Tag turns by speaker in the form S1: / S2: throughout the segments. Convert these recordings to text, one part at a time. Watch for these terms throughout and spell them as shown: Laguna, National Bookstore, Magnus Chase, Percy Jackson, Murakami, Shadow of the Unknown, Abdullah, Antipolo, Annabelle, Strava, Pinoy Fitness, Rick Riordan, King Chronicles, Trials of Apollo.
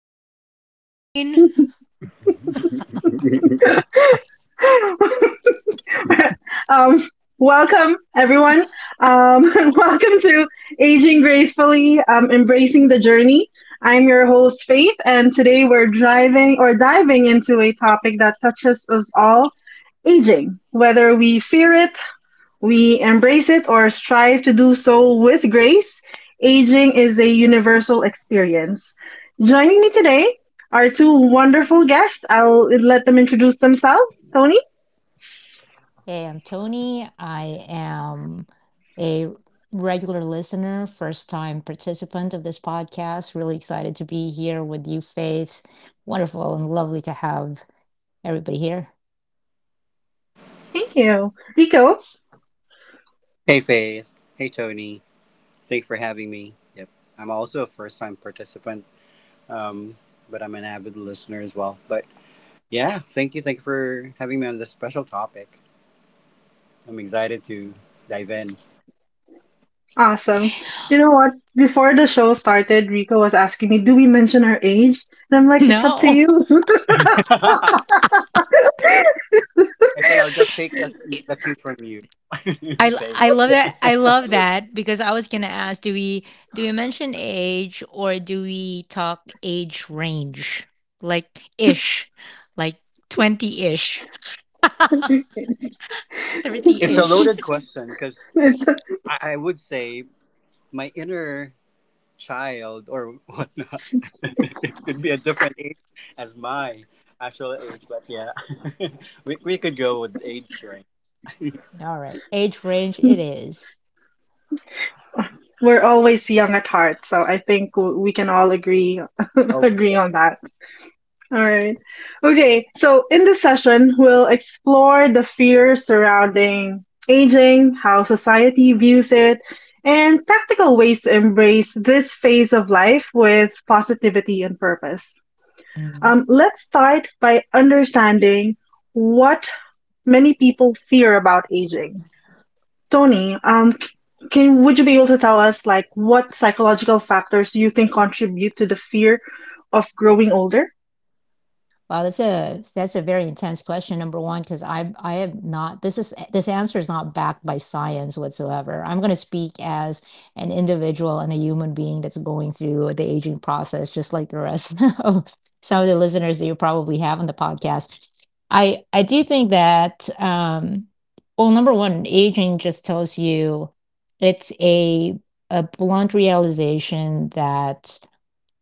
S1: not mine."
S2: um, Welcome everyone. Um, Welcome to Aging Gracefully, Embracing the Journey. I'm your host, Faith, and today we're driving or diving into a topic that touches us all, aging. Whether we fear it, we embrace it, or strive to do so with grace, aging is a universal experience. Joining me today are two wonderful guests. I'll let them introduce themselves. Tony?
S1: Hey, I'm Tony. I am a regular listener, first time participant of this podcast. Really excited to be here with you, Faith. Wonderful and lovely to have everybody here.
S2: Thank you. Rico?
S3: Hey, Faith. Hey, Tony. Thanks for having me. Yep. I'm also a first time participant, um, but I'm an avid listener as well. But yeah, thank you. Thank you for having me on this special topic. I'm excited to dive in.
S2: Awesome. You know what? Before the show started, Rico was asking me, do we mention our age? And I'm like, it's up to
S1: No.
S2: you.
S3: I said I'll just take a, the cue from you,
S1: I,
S3: Faith.
S1: I love that. I love that because I was going to ask do we mention age or do we talk age range? Like ish. Like 20-ish. 30
S3: It's a
S1: ish.
S3: loaded question because
S2: It's,
S3: I would say my inner child or whatnot. It could be a different age as my actual age, but yeah, we could go with age range.
S1: All right. Age range it is.
S2: we're always young at heart, so I think we can all agree
S3: Oh, for
S2: agree
S3: sure.
S2: on that. All right. Okay, so in this session, we'll explore the fears surrounding aging, how society views it, and practical ways to embrace this phase of life with positivity and purpose.
S1: Mm.
S2: Let's start by understanding what many people fear about aging. Tony, can would you be able to tell us, like, what psychological factors do you think contribute to the fear of growing older?
S1: Wow, that's a very intense question, number one, because I am not this is, this answer is not backed by science whatsoever. I'm going to speak as an individual and a human being that's going through the aging process, just like the rest of some of the listeners that you probably have on the podcast. I do think that well, number one, aging just tells you it's a blunt realization that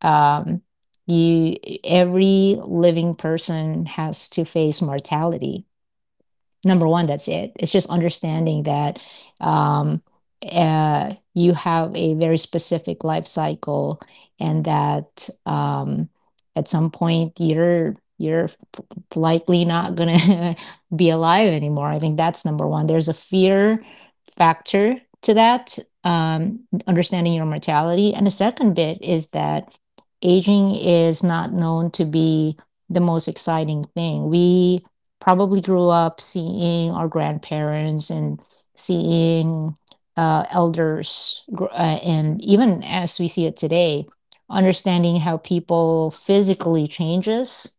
S1: um, you every living person has to face mortality number one, that's it, it's just understanding that um, you have a very specific life cycle and that at some point you're likely not gonna be alive anymore. I think that's number one, there's a fear factor to that. um, Understanding your mortality, and the second bit is that aging is not known to be the most exciting thing. We probably grew up seeing our grandparents and seeing elders, and even as we see it today, understanding how people physically changes,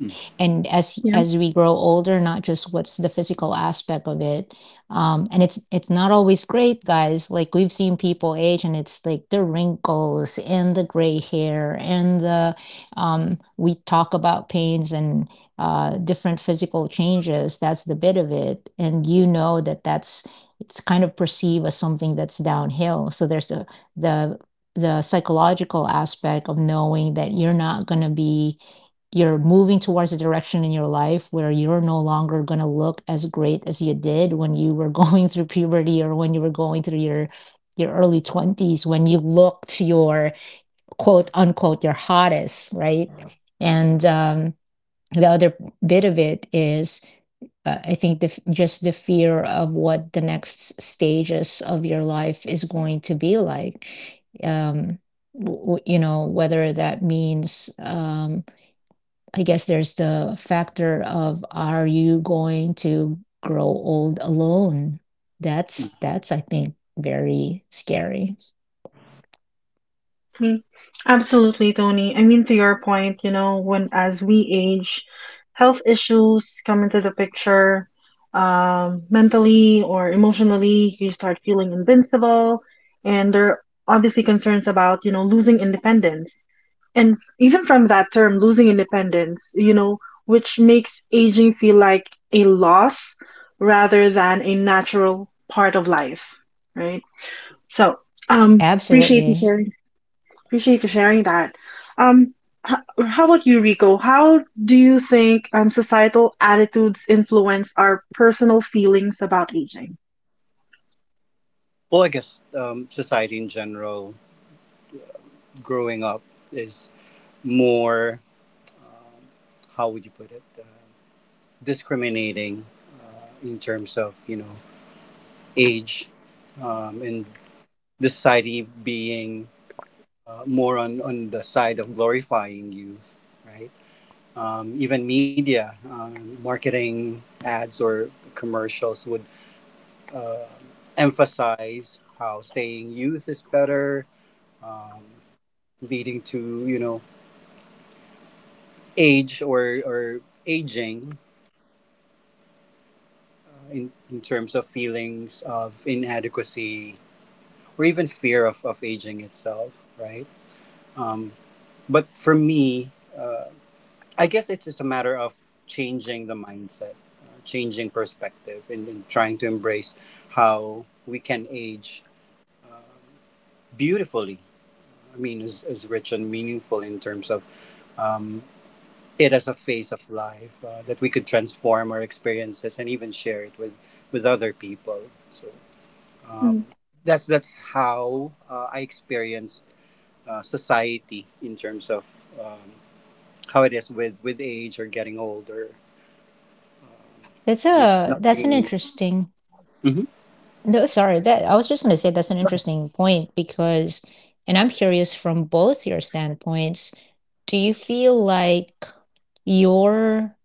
S3: Mm.
S1: and as
S2: Yeah.
S1: we grow older, not just what's the physical aspect of it. And it's not always great, guys. Like we've seen people age, and it's like the wrinkles and the gray hair and the, um, we talk about pains and different physical changes. That's the bit of it, and you know that that's it's kind of perceived as something that's downhill. So there's the the psychological aspect of knowing that you're not going to be, you're moving towards a direction in your life where you're no longer going to look as great as you did when you were going through puberty, or when you were going through your early 20s when you looked your, quote unquote, your hottest, right? And the other bit of it is, I think the, just the fear of what the next stages of your life is going to be like. um, you know, whether that means, I guess there's the factor of are you going to grow old alone?
S3: Mhm.
S1: That's I think very scary.
S2: I mean, absolutely, Tony. I mean, to your point, you know, when as we age, health issues come into the picture. Mentally or emotionally, you start feeling invincible, and there are obviously concerns about, you know, losing independence. And even from that term, losing independence, which makes aging feel like a loss rather than a natural part of life, right? So, appreciate you
S1: Absolutely.
S2: sharing. Appreciate you sharing that. Um, how, how about you, Rico? How do you think societal attitudes influence our personal feelings about aging?
S3: Well, I guess society in general, growing up is more, how would you put it, discriminating in terms of, you know, age, and the society being more on the side of glorifying youth, right? Even media, marketing, ads, or commercials would uh, emphasize how staying youth is better, um, leading to, you know, age or aging in terms of feelings of inadequacy or even fear of aging itself, right? Um, but for me, uh, I guess it's just a matter of changing the mindset, changing perspective, and trying to embrace how we can age um beautifully. I mean, is rich and meaningful in terms of um, it as a phase of life, that we could transform our experiences and even share it with other people. So
S2: Mm.
S3: that's how I experience society in terms of um, how it is with age or getting older.
S1: That's
S3: You know,
S1: a
S3: not
S1: that's an
S3: being.
S1: interesting.
S3: Mhm.
S1: No, sorry. That I was just going to say that's an interesting point, because, and I'm curious from both your standpoints, do you feel like your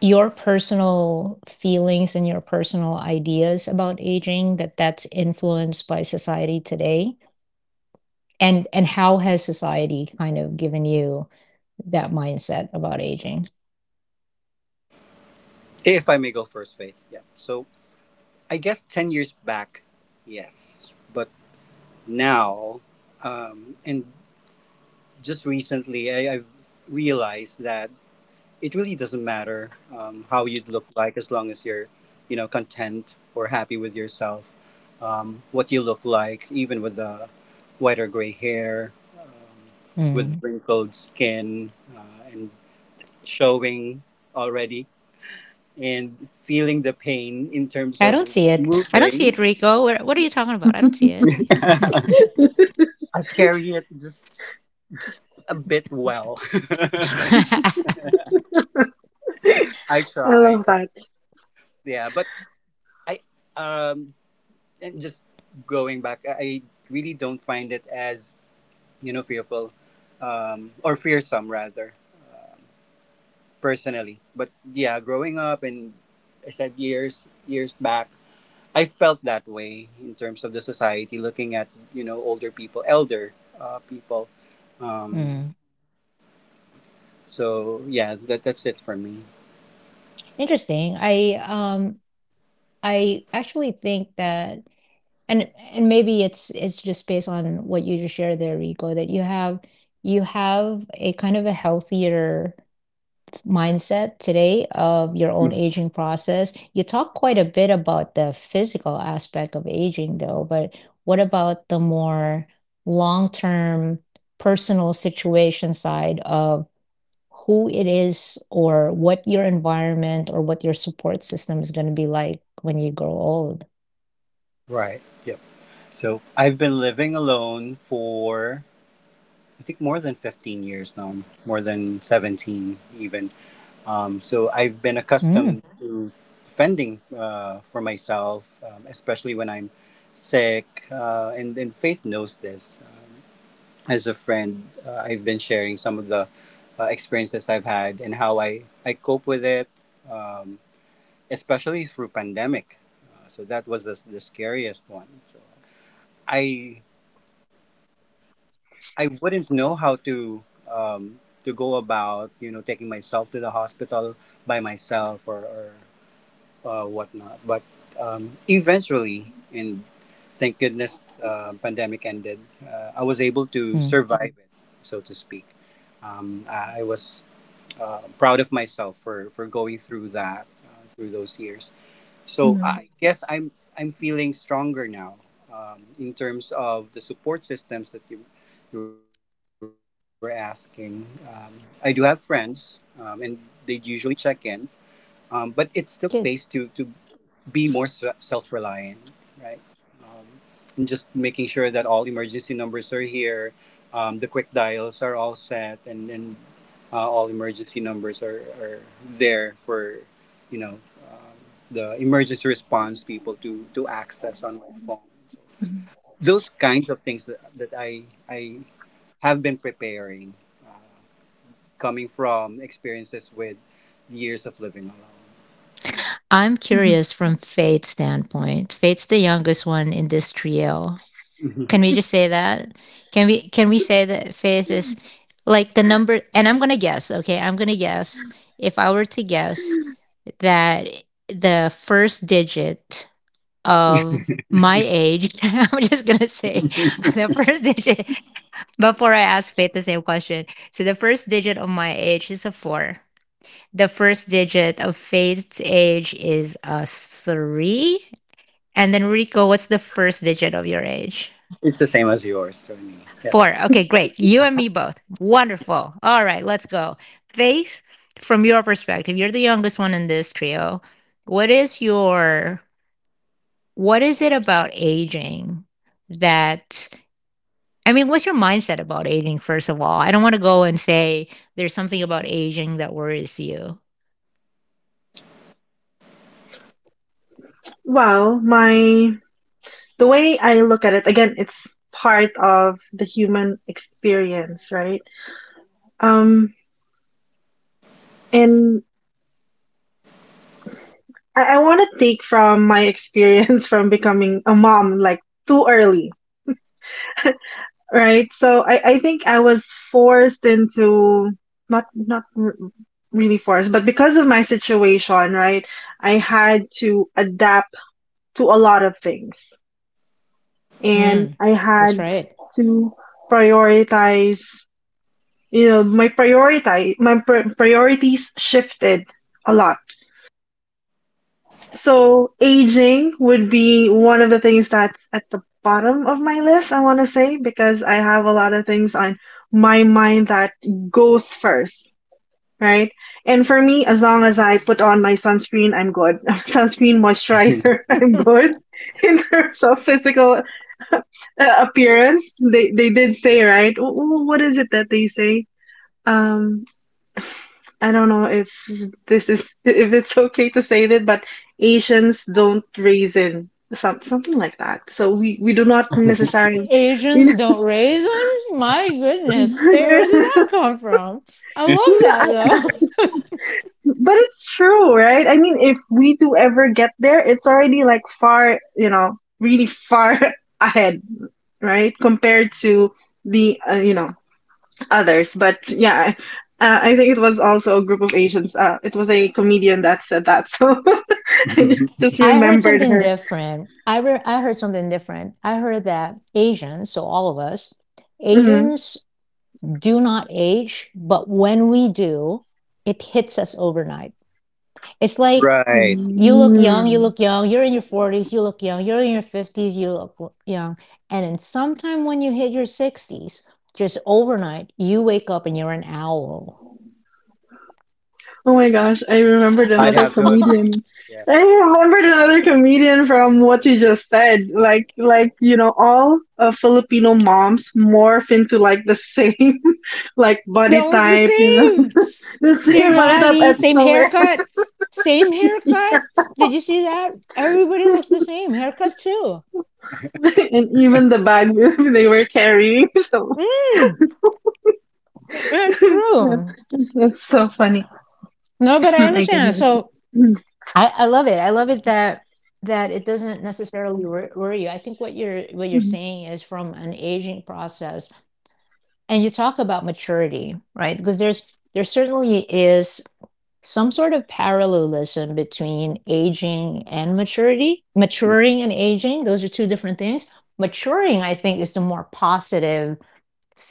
S1: your personal feelings and your personal ideas about aging, that that's influenced by society today? And how has society kind of given you that mindset about aging?
S3: If I may go first, Faith. Yeah. So I guess 10 years back, yes. But now, and just recently, I've realized that it really doesn't matter, how you'd look like, as long as you're, you know, content or happy with yourself. What you look like, even with the white or gray hair, um, with
S1: Mm.
S3: wrinkled skin, uh, and showing already and feeling the pain in terms
S1: I
S3: of
S1: don't see it. I don't see it,
S3: moving.
S1: Rico. Where, what are you talking about? I don't see it.
S3: I carry it just a bit well. I
S2: I
S3: try
S2: love
S3: to
S2: that.
S3: yeah, but I um and just going back, I really don't find it as, you know, fearful or fearsome rather personally. But yeah, growing up and I said years back I felt that way in terms of the society, looking at, you know, older people, elder people. Um,
S1: Mm.
S3: so yeah, that that's it for me.
S1: Interesting. I I actually think that and maybe it's just based on what you just shared there, Rico, that you have a kind of a healthier mindset today of your own aging process. You talk quite a bit about the physical aspect of aging, though, but what about the more long term personal situation side of who it is, or what your environment or what your support system is going to be like when you grow old?
S3: Right. Yep. So I've been living alone for I think more than 15 years now, more than 17 even. So I've been
S1: Mm,
S3: accustomed to fending for myself, especially when I'm sick, and Faith knows this. As a friend, I've been sharing some of the experiences I've had and how I cope with it, um, especially through pandemic. So that was the scariest one. So I I wouldn't know how to, to go about, you know, taking myself to the hospital by myself, or whatnot. But eventually, and thank goodness, pandemic ended. I was able to
S1: mm,
S3: survive it, so to speak. I was proud of myself for going through that, through those years. So
S2: Mhm,
S3: I guess I'm feeling stronger now, in terms of the support systems that you were asking. I do have friends, and they usually check in, but it
S1: good.
S3: still pays to be more self-reliant, right? Um, and just making sure that all emergency numbers are here, the quick dials are all set, and all emergency numbers are there for, you know, the emergency response people to access on my phone. So
S2: mhm,
S3: those kinds of things that that I have been preparing, coming from experiences with years of living alone. Yep.
S1: I'm
S2: mhm.
S1: curious from Fate's standpoint. Fate's the youngest one in this trio. Can we just say that? Can we say that Faith is like the number? And I'm going to guess, okay? I'm going to guess, if I were to guess, that the first digit of my age, I'm just going to say the first digit, before I ask Faith the same question. So the first digit of my age is a 4. The first digit of Faith's age is a 3. And then Rico, what's the first digit of your age?
S3: It's the same as yours, Tony. Yep.
S1: Four. Okay, great. You and me both. Wonderful. All right, let's go. Faith, from your perspective, you're the youngest one in this trio. What is your, what is it about aging that, I mean, what's your mindset about aging first of all? I don't want to go and say there's something about aging that worries you.
S2: Well, my the way I look at it, again, it's part of the human experience, right? Um, and I want to take from my experience from becoming a mom, like, too early. Right. So I think I was forced into, not really forced, but because of my situation, right, I had to adapt to a lot of things. And
S1: Mm,
S2: I
S1: that's
S2: had
S1: right.
S2: to prioritize, you know, my prioritize my pr priorities shifted a lot. So aging would be one of the things that's at the bottom of my list, I want to say, because I have a lot of things on my mind that goes first, right? And for me, as long as I put on my sunscreen, I'm good. Sunscreen, moisturizer, I'm good. In terms of physical uh, appearance, they did say, right? What is it that they say? Um, I don't know if this is if it's okay to say that, but Asians don't raisin, something like that. So we do not necessarily.
S1: Asians
S2: We,
S1: don't raisin? My goodness, babe, where did that
S2: no,
S1: come from? I love that
S2: I,
S1: though.
S2: I- but it's true, right? I mean, if we do ever get there, it's already, like, far, you know, really far ahead, right? Compared to the others. But yeah. I think it was also a group of Asians. It was a comedian that said that. So I just
S1: I heard
S2: remembered
S1: something
S2: her.
S1: different. I heard something different. I heard that Asians, so all of us,
S2: Mhm.
S1: Asians, do not age, but when we do, it hits us overnight. It's like
S3: Right.
S1: you
S2: Mm.
S1: look young, you're in your 40s, you look young, you're in your 50s, you look young. And then sometime when you hit your 60s, just overnight, you wake up and you're an owl.
S2: Oh my gosh, I remembered
S3: I'd
S2: another
S3: have to agree.
S2: comedian.
S3: Yeah.
S2: I remembered another comedian from what you just said. Like, all Filipino moms morph into, like, the same, like
S1: They
S2: body
S1: all look the
S2: type.
S1: same.
S2: The same
S1: Same
S2: body type
S1: body,
S2: at
S1: same
S2: somewhere,
S1: haircut, same haircut. Did you see that? Everybody looks the same. Haircut too.
S2: and even the bag they were carrying. So
S1: Mm, that's
S2: yeah,
S1: true.
S2: that's so funny.
S1: No, but I
S2: Oh my
S1: understand.
S2: goodness.
S1: So
S2: Mhm.
S1: I love it. I love it that that it doesn't necessarily worry you. I think what you're saying is from an aging process, and you talk about maturity, right? Because there's there certainly is some sort of parallelism between aging and maturity. Maturing and aging, those are two different things. Maturing, I think, is the more positive,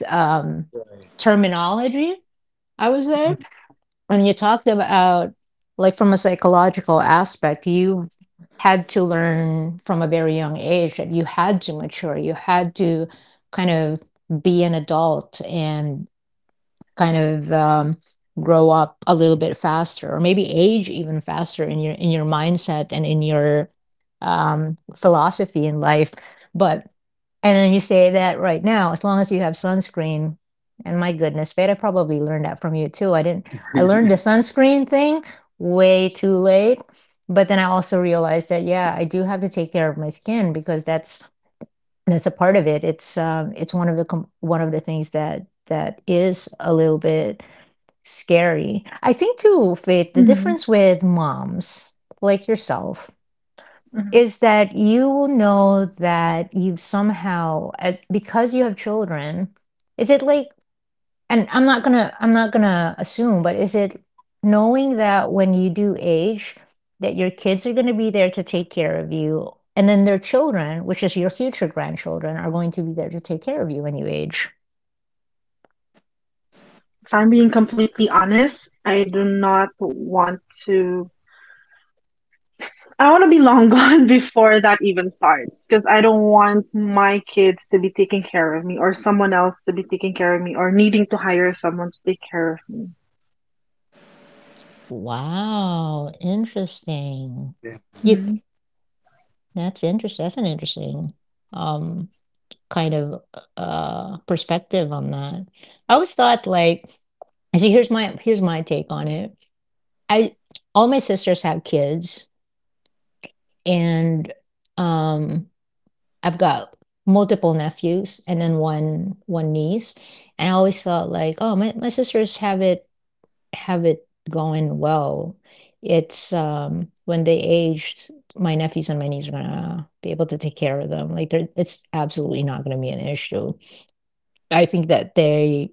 S1: um,
S3: Right.
S1: terminology, I would say. When you talked about, like, from a psychological aspect, you had to learn from a very young age that you had to mature, you had to kind of be an adult and kind of, grow up a little bit faster, or maybe age even faster in your mindset and in your, philosophy in life, but, and then you say that right now, as long as you have sunscreen, and my goodness Fate, I probably learned that from you too. I didn't, I learned the sunscreen thing way too late, but then I also realized that yeah, I do have to take care of my skin because that's, and that's a part of it. It's one of the com one of the things that that is a little bit scary. I think too, Faith, the
S2: Mhm.
S1: difference with moms like yourself
S2: Mhm.
S1: is that you will know that you've somehow, because you have children, is it like, and I'm not gonna assume, but is it, knowing that when you do age, that your kids are gonna be there to take care of you, and then their children, which is your future grandchildren, are going to be there to take care of you when you age?
S2: If I'm being completely honest, I do not want to. I want to be long gone before that even starts, because I don't want my kids to be taking care of me, or someone else to be taking care of me, or needing to hire someone to take care of
S1: Wow, interesting.
S3: Yeah.
S1: You,
S2: me.
S1: that's an interesting, um, kind of, perspective on that. I always thought, like, so here's my take on it. I, all my sisters have kids, and, um, I've got multiple nephews, and then 1 1 niece, and I always thought, like, "Oh, my sisters have it, have it going well." It's when they aged, my nephews and my niece are gonna be able to take care of them. Like, they're, it's absolutely not gonna be an issue. I think that they,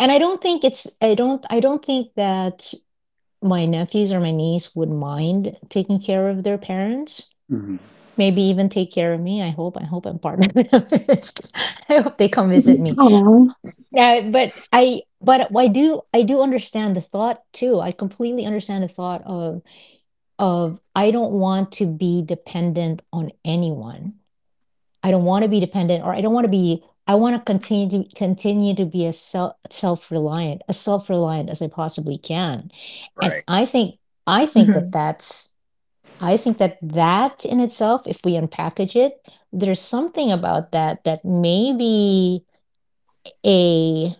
S1: and I don't think it's, I don't think that my nephews or my niece would mind taking care of their parents,
S3: Mhm.
S1: maybe even take care of me. I hope, I hope I'm part of this. I hope they come visit
S2: Mm-hmm.
S1: me.
S2: Oh.
S1: But I do, I do understand the thought too. I completely understand the thought of I don't want to be dependent on anyone. I don't want to be dependent, or I don't want to be, I want to continue to be as self-reliant, as self-reliant as I possibly can. And I think
S2: Mm-hmm.
S1: that that's, I think that that in itself, if we unpackage it, there's something about that that may be a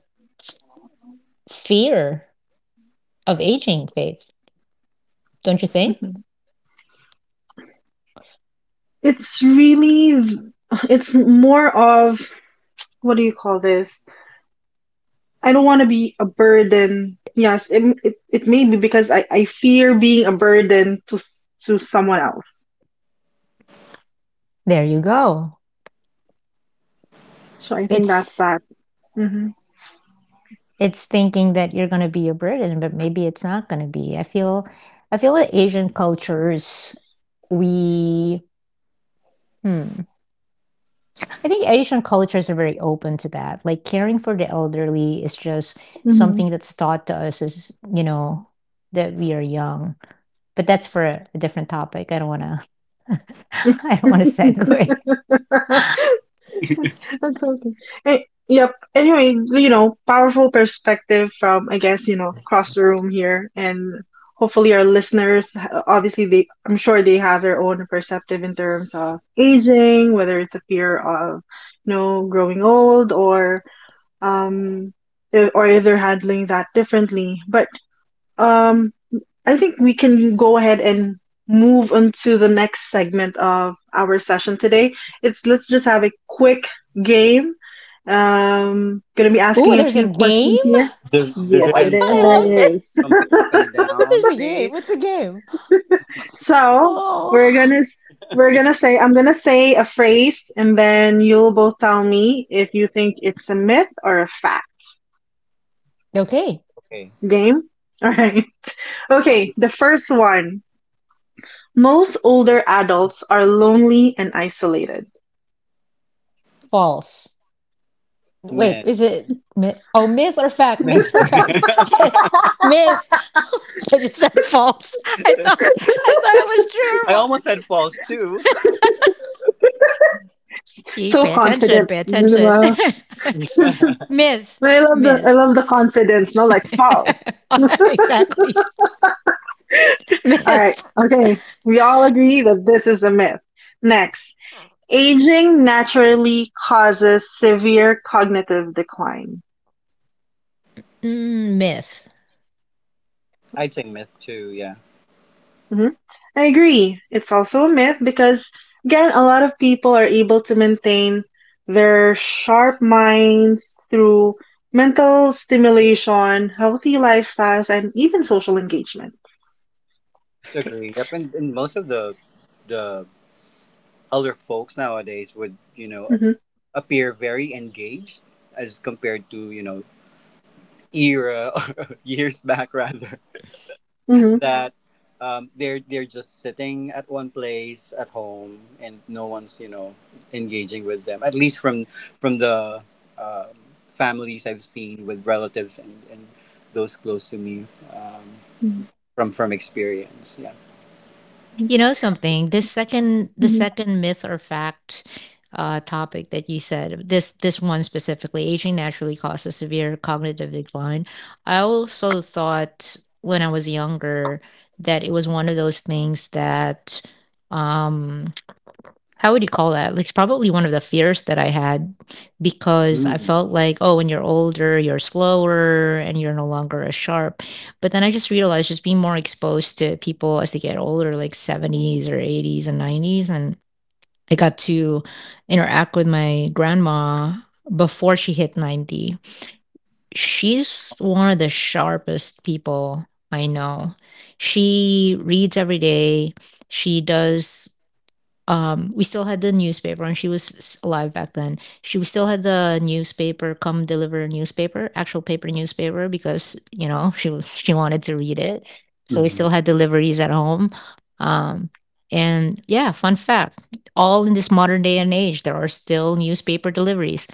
S1: fear of aging, Faith. Don't you think?
S2: Hmm. It's really, it's more of, what do you call this? I don't want to be a burden. Yes, it may be because I fear being a burden to to someone else.
S1: There you go.
S2: So I think that's
S1: It's
S2: that. Hmm.
S1: it's thinking that you're gonna be a burden, but maybe it's not gonna be. I feel, I feel that Asian cultures, we, hmm. I think Asian cultures are very open to that. Like caring for the elderly is just
S2: Hmm.
S1: something that's taught to us as, you know, that we are young. But that's for a different topic. I don't want to I don't want to segue.
S2: That's okay. Eh, yep. Anyway, powerful perspective from, I guess, across the room here. And hopefully our listeners, obviously I'm sure they have their own perspective in terms of aging, whether it's a fear of, growing old, or, um, or if they're handling that differently. But, um, I think we can go ahead and move into the next segment of our session today. It's Let's just have a quick game. Gonna be
S1: Oh,
S2: asking a
S1: there's a
S2: few
S1: game?
S2: questions here.
S3: Does
S1: Oh
S2: Yes,
S3: it
S1: my
S2: it
S1: God,
S2: is.
S1: I
S2: There it
S1: love
S3: involve
S1: it.
S2: is.
S3: jumping up and
S1: I love it.
S3: down
S1: There's a game.
S3: phase?
S1: What's the game?
S2: So we're
S1: Oh.
S2: gonna s- we're gonna say I'm gonna say a phrase, and then you'll both tell me if you think it's a myth or a fact.
S1: Okay.
S3: Okay.
S2: Game. All right.
S1: Uh,
S2: Okay. The first one. Most older adults are lonely and isolated.
S1: false. Wait,
S3: Myth.
S1: is it myth? Oh, myth or fact? Myth
S3: Myth.
S1: or fact? Myth. I just said false. I thought, I thought it was true or
S3: I
S1: what?
S3: almost said false too.
S1: See,
S2: So
S1: pay attention.
S2: confident,
S1: Pay attention.
S2: Minima.
S3: Yeah.
S1: Myth.
S2: I love the I
S1: Myth.
S2: love the confidence, no like false.
S1: Exactly.
S2: Alright,
S1: Myth.
S2: okay. We all agree that this is a myth. Next. Aging naturally causes severe cognitive decline.
S1: Myth.
S3: I'd say myth too, yeah.
S2: Mhm. I agree. It's also a myth, because again, a lot of people are able to maintain their sharp minds through mental stimulation, healthy lifestyles, and even social engagement.
S3: To
S2: Okay.
S3: agree. Yep, and most of the other folks nowadays would, you know,
S2: Hmm.
S3: appear very engaged as compared to, you know, era or years back rather, that they're just sitting at one place at home and no one's, you know, engaging with them, at least from the um families I've seen, with relatives and those close to me, um, from experience, yeah.
S2: Hmm.
S1: You know something? The
S2: Mm-hmm.
S1: second myth or fact topic that you said, this one specifically, aging naturally causes severe cognitive decline. I also thought when I was younger that it was one of those things that um, how would you call that? Like, probably one of the fears that I had because I
S3: Mm-hmm.
S1: felt like, oh, when you're older, you're slower and you're no longer as sharp. But then I just realized just being more exposed to people as they get older, like 70s or 80s and 90s. And I got to interact with my grandma before she hit 90. She's one of the sharpest people I know. She reads every day. She does we still had the newspaper, and alive back then. She we still had the newspaper come, deliver newspaper, actual paper newspaper because she wanted to read it, so we still had deliveries at home. um and yeah, fun fact, all in this modern day and age, there are still newspaper deliveries.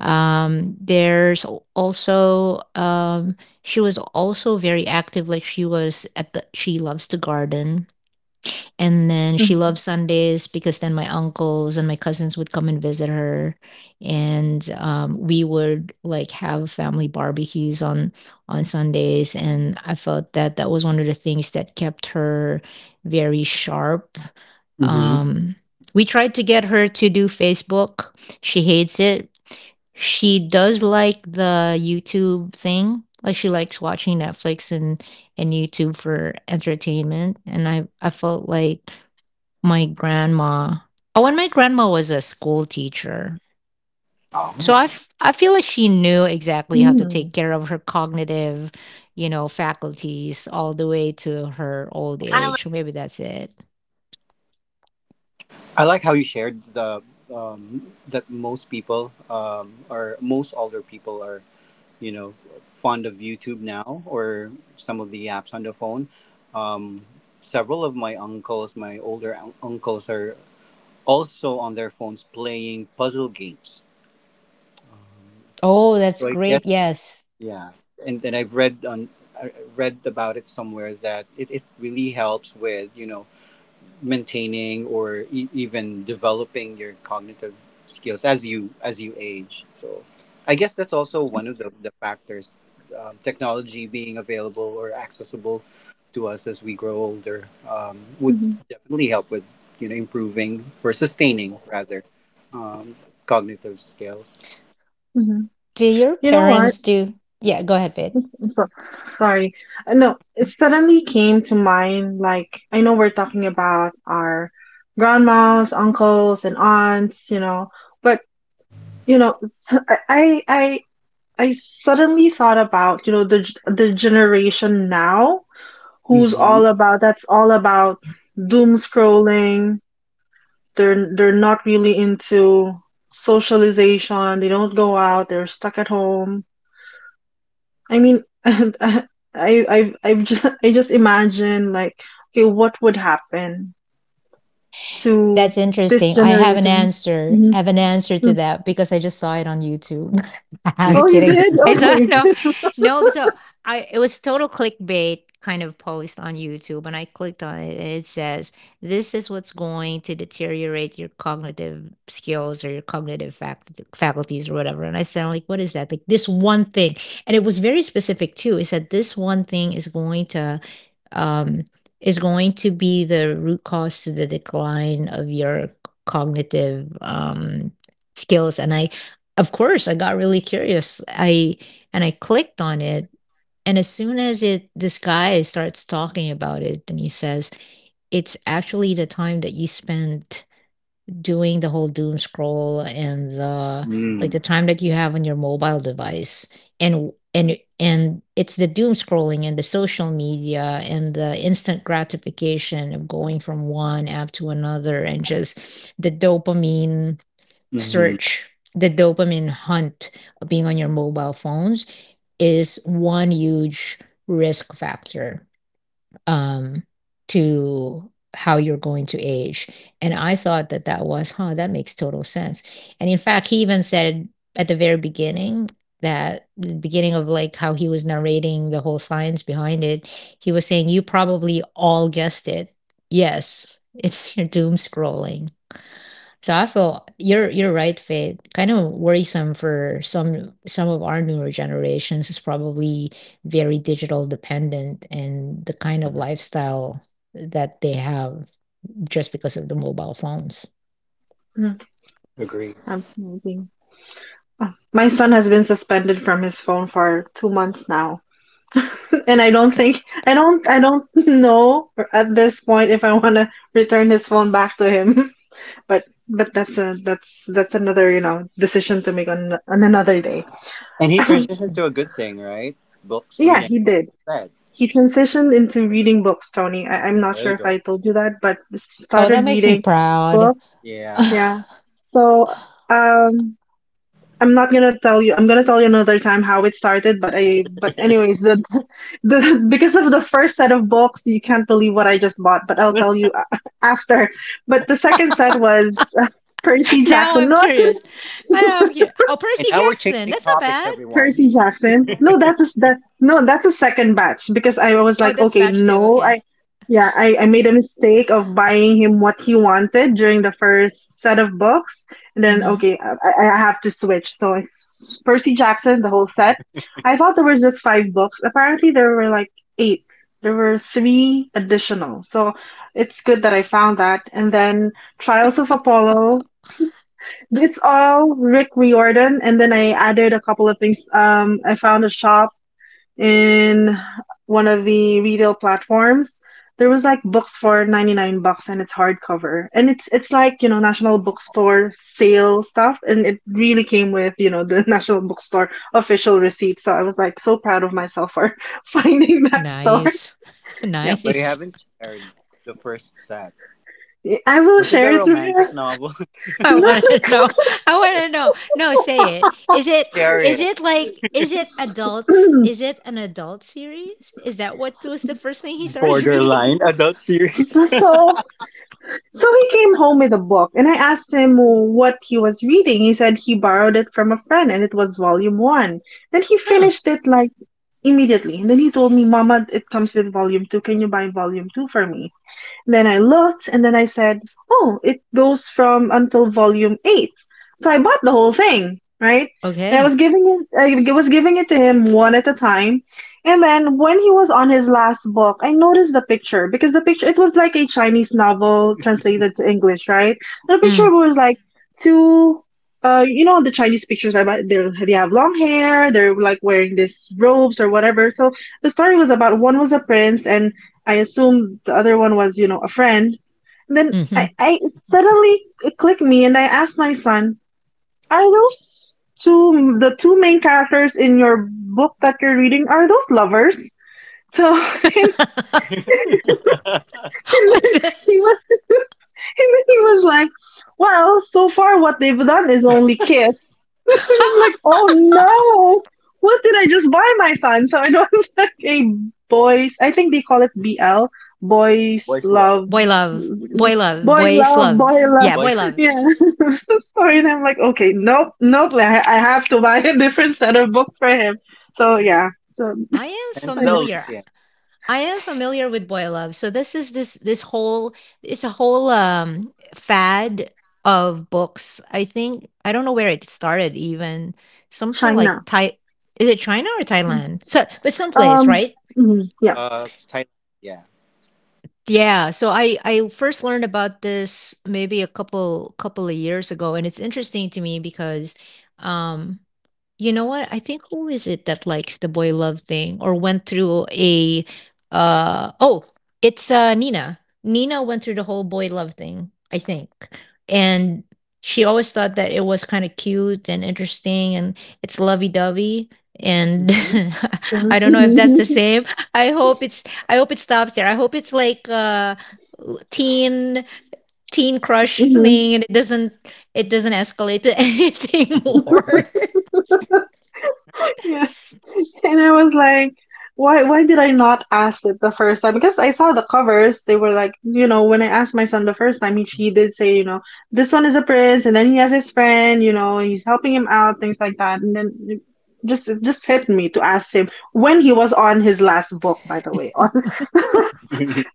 S1: There's al- also She was also very active. She loves to garden, and then she
S2: Mm-hmm.
S1: loved Sundays because then my uncles and my cousins would come and visit her, and we would like have family barbecues on Sundays. And I felt that that was one of the things that kept her very sharp.
S3: Hmm.
S1: Um, we tried to get her to do Facebook. She hates it. She does like the YouTube thing. Like she likes watching Netflix and YouTube for entertainment. And I felt like my grandma, oh, and my grandma was a school teacher. So I,
S3: Oh.
S1: f- I feel like she knew exactly how to
S2: Mm-hmm.
S1: take care of her cognitive, you know, faculties all the way to her old age. So maybe that's it.
S3: I like how you shared the, that most people, or most older people, are, you know, fond of YouTube now, or some of the apps on the phone. Um, several of my uncles, my older uncles, are also on their phones playing puzzle games.
S1: Oh, that's
S3: So I guess
S1: great. Yes.
S3: yeah, and then I've read on I read about it somewhere that it really helps with, you know, maintaining or even developing your cognitive skills as you age. So I guess that's also one of the factors, technology being available or accessible to us as we grow older, would
S2: Mm-hmm.
S3: definitely help with, you know, improving or sustaining rather, um, cognitive skills.
S2: Hmm.
S1: Do your
S2: You know what?
S1: parents do? Yeah, go ahead, Vid.
S2: I'm so, sorry. No, it suddenly came to mind, like, I know we're talking about our grandmas, uncles, and aunts, you know, but, you know, s- I, I, I suddenly thought about, the generation now
S3: Mm-hmm.
S2: that's all about doom scrolling. They're not really into socialization. They don't go out. They're stuck at home. I mean, I just imagine, like, okay, what would happen to
S1: That's
S2: this
S1: interesting. I have an
S2: generation?
S1: answer.
S2: Hmm.
S1: I have an answer to that because I just saw it on YouTube. I'm
S2: Oh, you
S1: kidding.
S2: did?
S1: I saw no,
S2: Okay.
S1: no. So I it was total clickbait kind of post on YouTube, and I clicked on it, and it says this is what's going to deteriorate your cognitive skills or your faculties or whatever. And I said, like, what is that? Like this one thing, and it was very specific too. It said this one thing um, is going to be the root cause to the decline of your cognitive skills. And I, of course, I got really curious. I And I clicked on it. And as soon as it, this guy starts talking about it, and he says it's actually the time that you spend doing the whole doom scroll, and the like
S3: Mm-hmm.
S1: the time that you have on your mobile device, and it's the doom scrolling and the social media and the instant gratification of going from one app to another and just search the dopamine hunt of being on your mobile phones is one huge risk factor um, to how you're going to age. And I thought that that was, huh, that makes total sense. And in fact, he even said at the very beginning, that the beginning of like how he was narrating the whole science behind it, he was saying, you probably all guessed it. Yes, it's your doom scrolling. So I feel you're right, Faith. Kind of worrisome for some of our newer generations is probably very digital dependent and the kind of lifestyle that they have just because of the mobile phones.
S2: Mm, I'm sneezing. Oh, my son has been suspended from his phone for 2 months now, and I don't think I don't know at this point if I want to return his phone back to him. but that's a, that's another decision to make on another day.
S3: And he transitioned to a good thing, right? Books,
S2: Yeah,
S3: reading
S2: he
S3: books
S2: did.
S3: instead.
S2: He transitioned into reading books, Tony. I'm not
S3: There
S2: sure
S3: you
S2: if I
S3: go.
S2: told you that, but
S1: Oh, that
S2: started
S1: makes me
S2: reading
S1: proud.
S2: books.
S3: Yeah.
S2: Yeah. So um, I'm not gonna tell you. I'm gonna tell you another time how it started. But I but anyways, the the, because of the first set of books, you can't believe what I just bought. But I'll tell you after. But the second set was, Percy
S1: Now
S2: Jackson.
S1: I'm
S2: No, I couldn't.
S1: curious. I am here. Oh,
S3: And
S1: Percy
S3: now we're
S1: Jackson.
S3: changing
S1: That's not
S3: topics,
S1: bad.
S3: everyone.
S2: Percy Jackson. No, that's that. No, that's a second batch because I was
S1: Oh,
S2: like,
S1: that's
S2: okay,
S1: batch two.
S2: no,
S1: Okay.
S2: yeah, I made a mistake of buying him what he wanted during the first set of books, and then
S1: Mm-hmm.
S2: okay, I have to switch. So it's Percy Jackson, the whole set. I thought there was just five books. Apparently, there were like eight. There were three additional. So it's good that I found that. And then Trials of Apollo. It's all Rick Riordan, and then I added a couple of things. I found a shop in one of the retail platforms. There was, like, books for 99 bucks and it's hardcover. And it's like, National Bookstore sale stuff, and it really came with, the National Bookstore official receipt. So I was, like, so proud of myself for finding that store.
S1: Nice.
S2: Yeah.
S3: But you
S1: Nice.
S3: haven't shared the first set.
S2: I will
S3: Was it the
S2: share it with you.
S3: romantic novel?
S1: I want to know. I want to know. No, say it.
S3: Share
S1: Is
S3: it.
S1: it like is it adult?
S2: No,
S1: Is it an adult series? Is that what was the first thing he started reading?
S3: Borderline adult series.
S2: so, so So he came home with a book, and I asked him what he was reading. He said he borrowed it from a friend, and it was volume one. Then he
S1: Huh.
S2: finished it, like, immediately. And then he told me, Mama, it comes with volume two. Can you buy volume two for me? Then I looked, and then I said, oh, it goes from until volume eight. So I bought the whole thing, right? And I
S1: Okay.
S2: was giving it to him one at a time. And then when he was on his last book, I noticed the picture, because the picture, it was like a Chinese novel translated to English, right? And the
S1: Mm.
S2: picture was, like, two, the Chinese pictures about they have long hair, they're like wearing these robes or whatever. So the story was about one was a prince, and I assumed the other one was, a friend. And then
S1: Hmm.
S2: I suddenly it clicked me, and I asked my son, "Are those two the two main characters in your book that you're reading? Are those lovers?" So and then
S1: What's the
S2: he was and then he was like, "Well, so far what they've done is only kiss." And I'm like, oh no, what did I just buy my son? So it was like a boys, I think they call it BL, boys
S3: Boys love.
S2: love,
S1: boy love? Boy love.
S2: boy
S1: Boys
S2: love,
S1: love.
S2: boy love.
S1: Yeah, boy
S3: Boys love.
S1: love.
S2: Yeah. Sorry. And I'm like, okay, nope, nope. I have to buy a different set of books for him. So yeah.
S1: I am
S3: Hence
S2: Like,
S3: the
S1: familiar.
S3: Olympian.
S1: I am familiar with boy love. So this is this this whole it's a whole fad of books. I think I don't know where it started even. Something like
S2: China.
S1: Thai, is it China or Thailand? So but someplace,
S2: Um,
S1: right?
S2: mhm, yeah.
S3: Thailand. Yeah.
S1: Yeah. So I first learned about this maybe a couple of years ago, and it's interesting to me because um you know what? I think who is it that likes the boy love thing or went through a oh, it's Nina. Nina went through the whole boy love thing, I think. And she always thought that it was kind of cute and interesting and it's lovey-dovey, and
S3: Hmm.
S2: Yeah.
S1: I don't know if that's the same. I hope it's I hope it stops there. I hope it's like l- teen teen crush
S2: hmm
S1: thing, and it doesn't escalate to anything more.
S2: hmm And I was like, why did I not ask it the first time? Because I saw the covers, they were like, you know, when I asked my son the first time, he did say, you know, this one is a prince, and then he has his friend, you know, he's helping him out, things like that. And then it just hit me to ask him when he was on his last book, by the way, on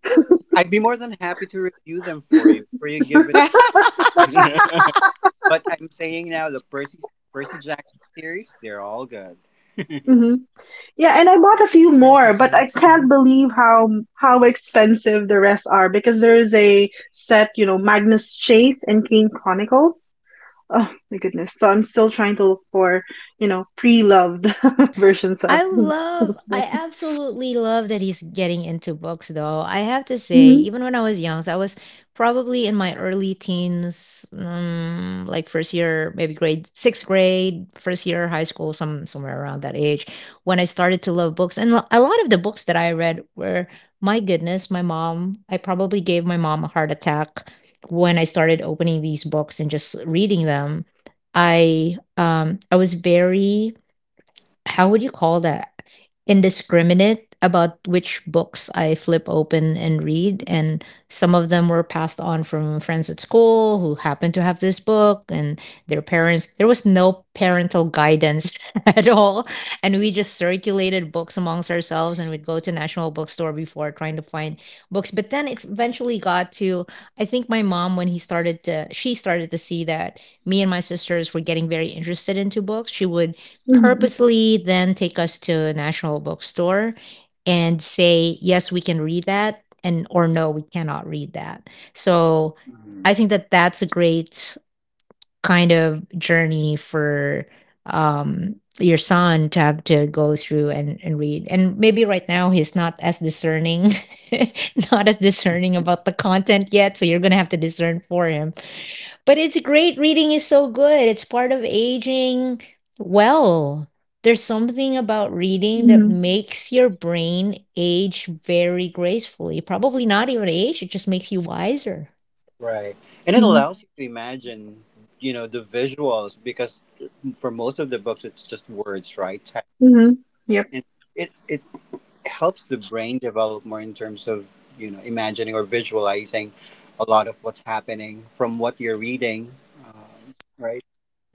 S3: I'd be more than happy to review them for you before you give it. But I'm saying now the Percy Jackson series, they're all good.
S2: hmm. Yeah, and I bought a few
S1: Percy
S2: more, but I can't
S1: Jackson.
S2: believe how expensive the rest are because there is a set, you know, Magnus Chase and King Chronicles. Oh my goodness. So I'm still trying to look for, you know, pre-loved versions of those
S1: I
S2: books.
S1: absolutely love that he's getting into books though. I have to say,
S2: Hmm
S1: even when I was young, so I was probably in my early teens, like first year, maybe grade sixth grade, first year high school, somewhere around that age, when I started to love books. And a lot of the books that I read were, my goodness, my mom, I probably gave my mom a heart attack when I started opening these books and just reading them. I was very how would you call that? Indiscriminate about which books I flip open and read. And some of them were passed on from friends at school who happened to have this book and their parents. There was no parental guidance at all. And we just circulated books amongst ourselves, and we'd go to National Bookstore before trying to find books. But then it eventually got to, I think my mom, when he started to, she started to see that me and my sisters were getting very interested into books. She would
S2: hmm
S1: purposely then take us to a national bookstore and say yes we can read that, and or no we cannot read that. So
S3: Mhm.
S1: I think that that's a great kind of journey for your son to have to go through and read. And maybe right now he's not as discerning not as discerning about the content yet, so you're gonna have to discern for him, but it's great. Reading is so good. It's part of aging well. There's something about reading that
S2: hmm
S1: makes your brain age very gracefully. Probably not even age, it just makes you wiser.
S3: Right. And it
S2: hmm
S3: allows you to imagine, you know, the visuals because mm, for most of the books it's just words, right? Text.
S2: hmm Yep,
S3: And it helps the brain develop more in terms of, you know, imagining or visualizing a lot of what's happening from what you're reading, right?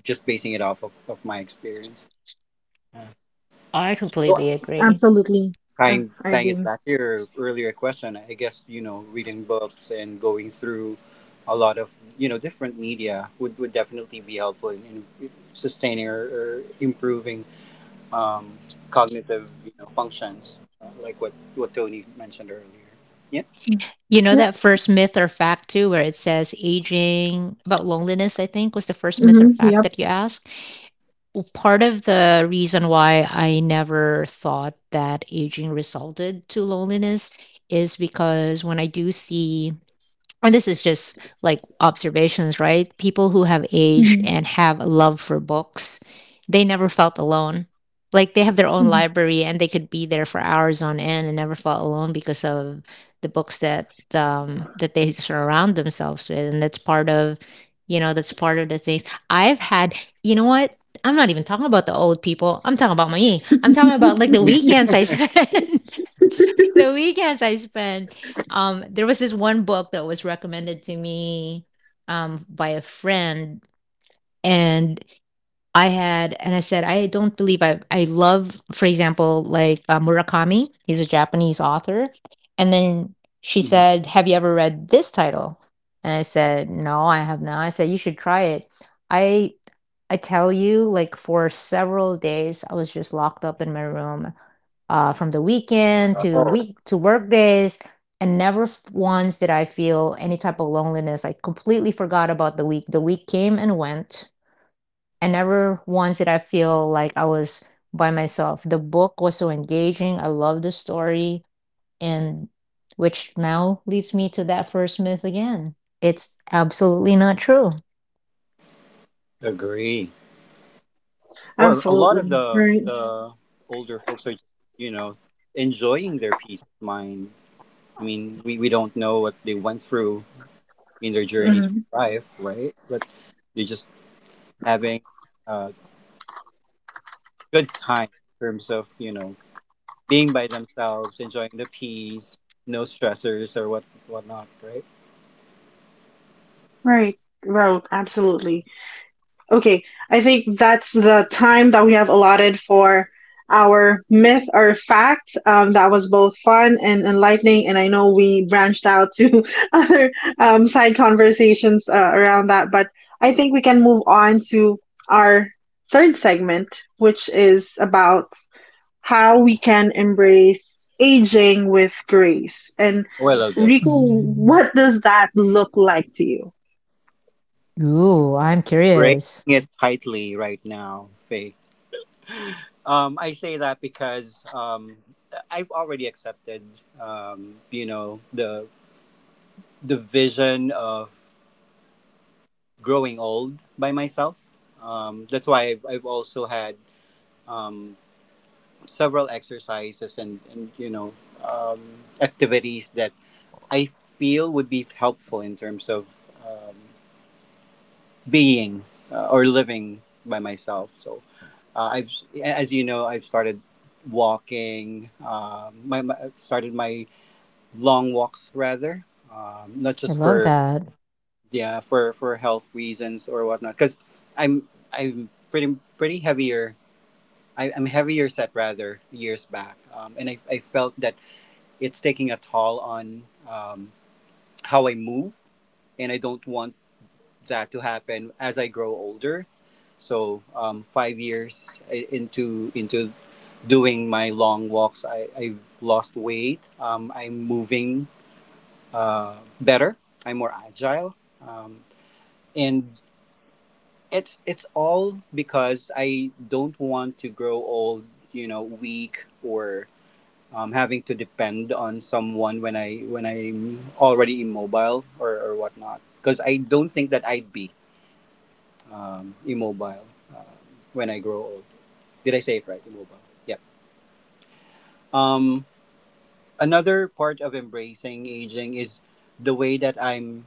S3: Just basing it off of my experience. Yeah.
S1: I
S3: Sure.
S1: completely agree.
S2: absolutely.
S3: Tying
S2: I
S3: tying it
S2: agree.
S3: back to your earlier question, I guess, you know, reading books and going through a lot of, you know, different media would definitely be helpful in sustaining or improving, um, cognitive, you know, functions, like what Tony mentioned earlier. Yeah.
S2: Mm,
S1: You know
S2: yep.
S1: that first myth or fact too, where it says aging about loneliness, I think was the first myth or
S2: hmm
S1: fact
S2: Yep.
S1: that you asked. Well, part of the reason why I never thought that aging resulted to loneliness is because when I do see, and this is just like observations, right? People who have aged
S2: hmm
S1: and have a love for books, they never felt alone. Like they have their own
S2: hmm
S1: library and they could be there for hours on end and never felt alone because of the books that that they surround themselves with. And that's part of, you know, that's part of the things. I've had, you know what? I'm not even talking about the old people. I'm talking about me. I'm talking about like the weekends I spend. the weekends I spend. There was this one book that was recommended to me by a friend, and I had, and I said, I don't believe I love, for example, like Murakami. He's a Japanese author, and then she
S3: Hmm.
S1: said, "Have you ever read this title?" And I said, "No, I have not." I said, "You should try it." I I tell you, like, for several days, I was just locked up in my room, from the weekend to week to work days, and never once did I feel any type of loneliness. I completely forgot about the week. The week came and went, and never once did I feel like I was by myself. The book was so engaging. I love the story, and which now leads me to that first myth again. It's absolutely not true.
S3: Agree. Or a lot of
S2: Absolutely. Right.
S3: the older folks are just, you know, enjoying their peace of mind. I mean, we don't know what they went through in their journey through
S2: hmm
S3: life, right? But they're just having a good time in terms of, you know, being by themselves, enjoying the peace, no stressors or what whatnot, right?
S2: Right. Well, absolutely. Okay, I think that's the time that we have allotted for our myth or fact. That was both fun and enlightening, and I know we branched out to other side conversations around that, but I think we can move on to our third segment, which is about how we can embrace aging with grace. And
S3: Oh, I love
S2: Rico,
S3: this.
S1: Mm.
S2: what does that look like to you?
S1: Ooh, I'm
S3: Bracing
S1: curious.
S3: it tightly right now, Faith. I say that because, I've already accepted, you know, the vision of growing old by myself. That's why I've also had. Um, several exercises and, you know, um, activities that I feel would be helpful in terms of, um, being or living by myself. So I've, as you know, I've started walking. My, my started my long walks rather, not
S1: I
S3: just
S1: love
S3: for
S1: that.
S3: yeah for health reasons or whatnot. Because I'm pretty heavier I'm heavier set rather years back, and I felt that it's taking a toll on, how I move, and I don't want that to happen as I grow older. So 5 years into doing my long walks, I've lost weight. I'm moving uh, better. I'm more agile, um, and it's all because I don't want to grow old, you know, weak or, having to depend on someone when I when I'm already immobile or whatnot. Because I don't think that I'd be, immobile, um, when I grow old. Did I say it right? Immobile. Yep. Um, another part of embracing aging is the way that I'm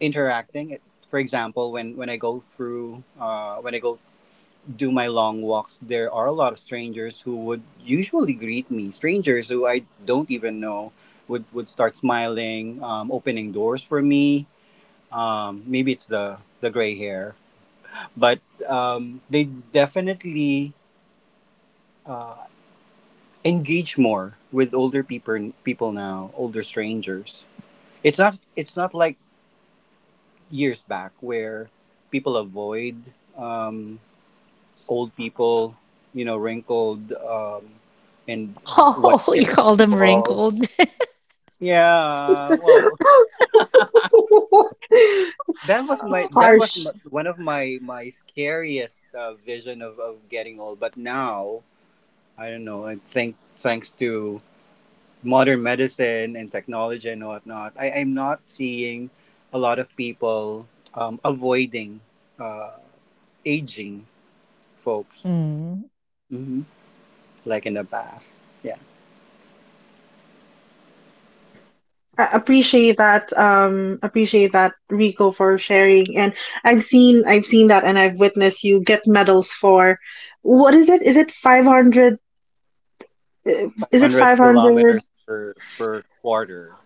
S3: interacting. For example, when I go through, when I go do my long walks, there are a lot of strangers who would usually greet me. Strangers who I don't even know would start smiling, opening doors for me. Maybe it's the gray hair, but they definitely uh, engage more with older people now, older strangers. It's not like years back where people avoid. Old people, you know, wrinkled, and
S1: Oh, you
S3: white-haired
S1: call them
S3: people.
S1: wrinkled.
S3: Yeah, well, that
S2: it's,
S3: was
S2: it's
S3: my
S2: harsh.
S3: one of my my scariest vision of getting old. But now I don't know. I think thanks to modern medicine and technology and whatnot, I am not seeing a lot of people, avoiding uh, aging folks
S1: Mm.
S3: hmm like in the past.
S2: I appreciate that. Appreciate that, Rico, for sharing. And I've seen that, and I've witnessed you get medals for what is it? Is it 500? Is it
S3: 500
S2: 500,
S3: kilometers per per quarter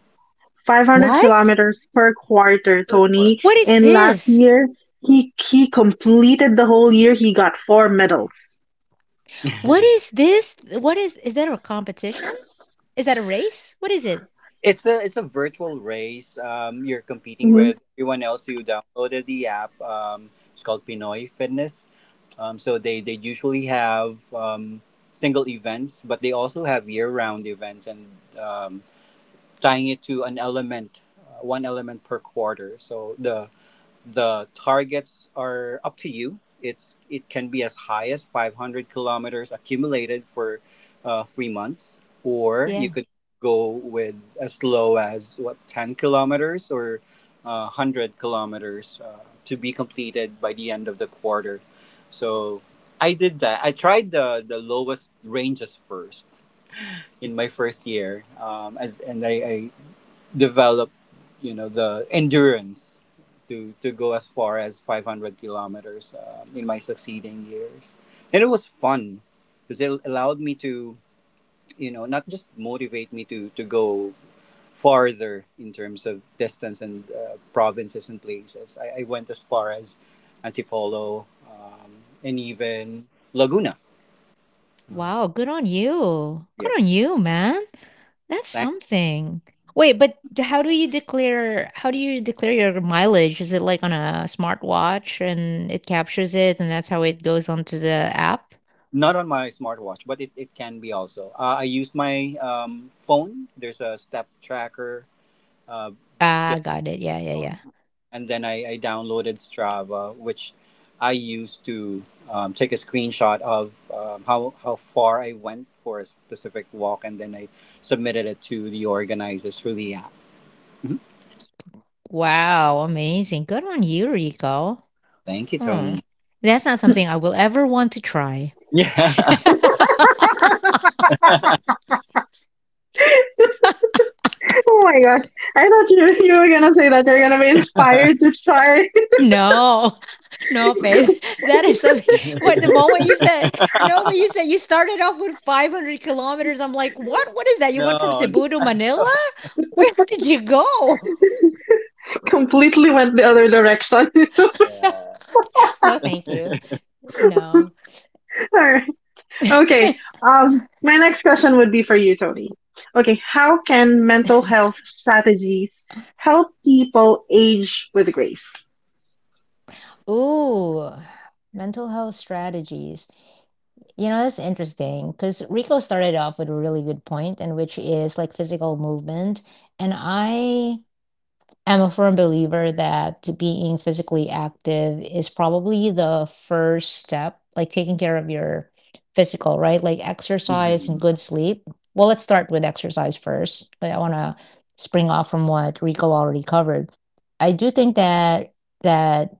S2: 500
S1: What?
S2: kilometers per quarter,
S3: per quarter.
S2: Tony?
S1: What is
S3: Yeah.
S2: And last
S1: this?
S2: year, he completed the whole year. He got four medals.
S1: What is this? What is that a competition? Is that a race? What is it?
S3: It's a it's a virtual race. You're competing
S2: Mhm.
S3: with everyone else who downloaded the app. It's called Pinoy Fitness. So they usually have single events, but they also have year round events and um, tying it to an element, one element per quarter. So the targets are up to you. It can be as high as 500 kilometers accumulated for 3 months, or you
S1: Yeah.
S3: could go with as low as what, 10 kilometers or 100 kilometers, to be completed by the end of the quarter. So I did that. I tried the lowest ranges first in my first year, as and I develop, you know, the endurance to go as far as 500 kilometers in my succeeding years, and it was fun because it allowed me to, you know, not just motivate me to go farther in terms of distance and, provinces and places. I went as far as Antipolo and even Laguna.
S1: Wow, good on you. Good
S3: Yep.
S1: on you, man. That's
S3: Thanks.
S1: something. Wait, but how do you declare how do you declare your mileage? Is it like on a smartwatch and it captures it and that's how it goes onto the app?
S3: Not on my smartwatch, but it can be also. I use my phone. There's a step tracker uh, built
S1: Ah, got it. Yeah, yeah,
S3: on,
S1: yeah.
S3: and then I downloaded Strava, which I use to take a screenshot of how far I went for a specific walk, and then I submitted it to the organizers through the app. Mhm.
S1: Wow, amazing. Good on you, Rico.
S3: Thank you,
S1: Hmm.
S3: Tony.
S1: That's not something I will ever want to try.
S3: Yeah.
S2: Oh my gosh! I thought you were gonna say that you're gonna be inspired to try.
S1: No, no, Faith. That is something. What the moment you said, no, but you said you started off with 500 kilometers. I'm like, what? What is that? You went from
S3: no.
S1: Cebu to Manila? Where did you go?
S2: Completely went the other direction. All
S3: Yeah.
S1: No, thank you. No.
S2: right. Okay. My next question would be for you, Tony. Okay. How can mental health strategies help people age with grace?
S1: Ooh, mental health strategies. You know, that's interesting because Rico started off with a really good point, and which is like physical movement. And I am a firm believer that being physically active is probably the first step, like taking care of your physical, right? Like exercise and
S3: Mhm.
S1: good sleep. Well, let's start with exercise first, but I want to spring off from what Rico already covered. I do think that that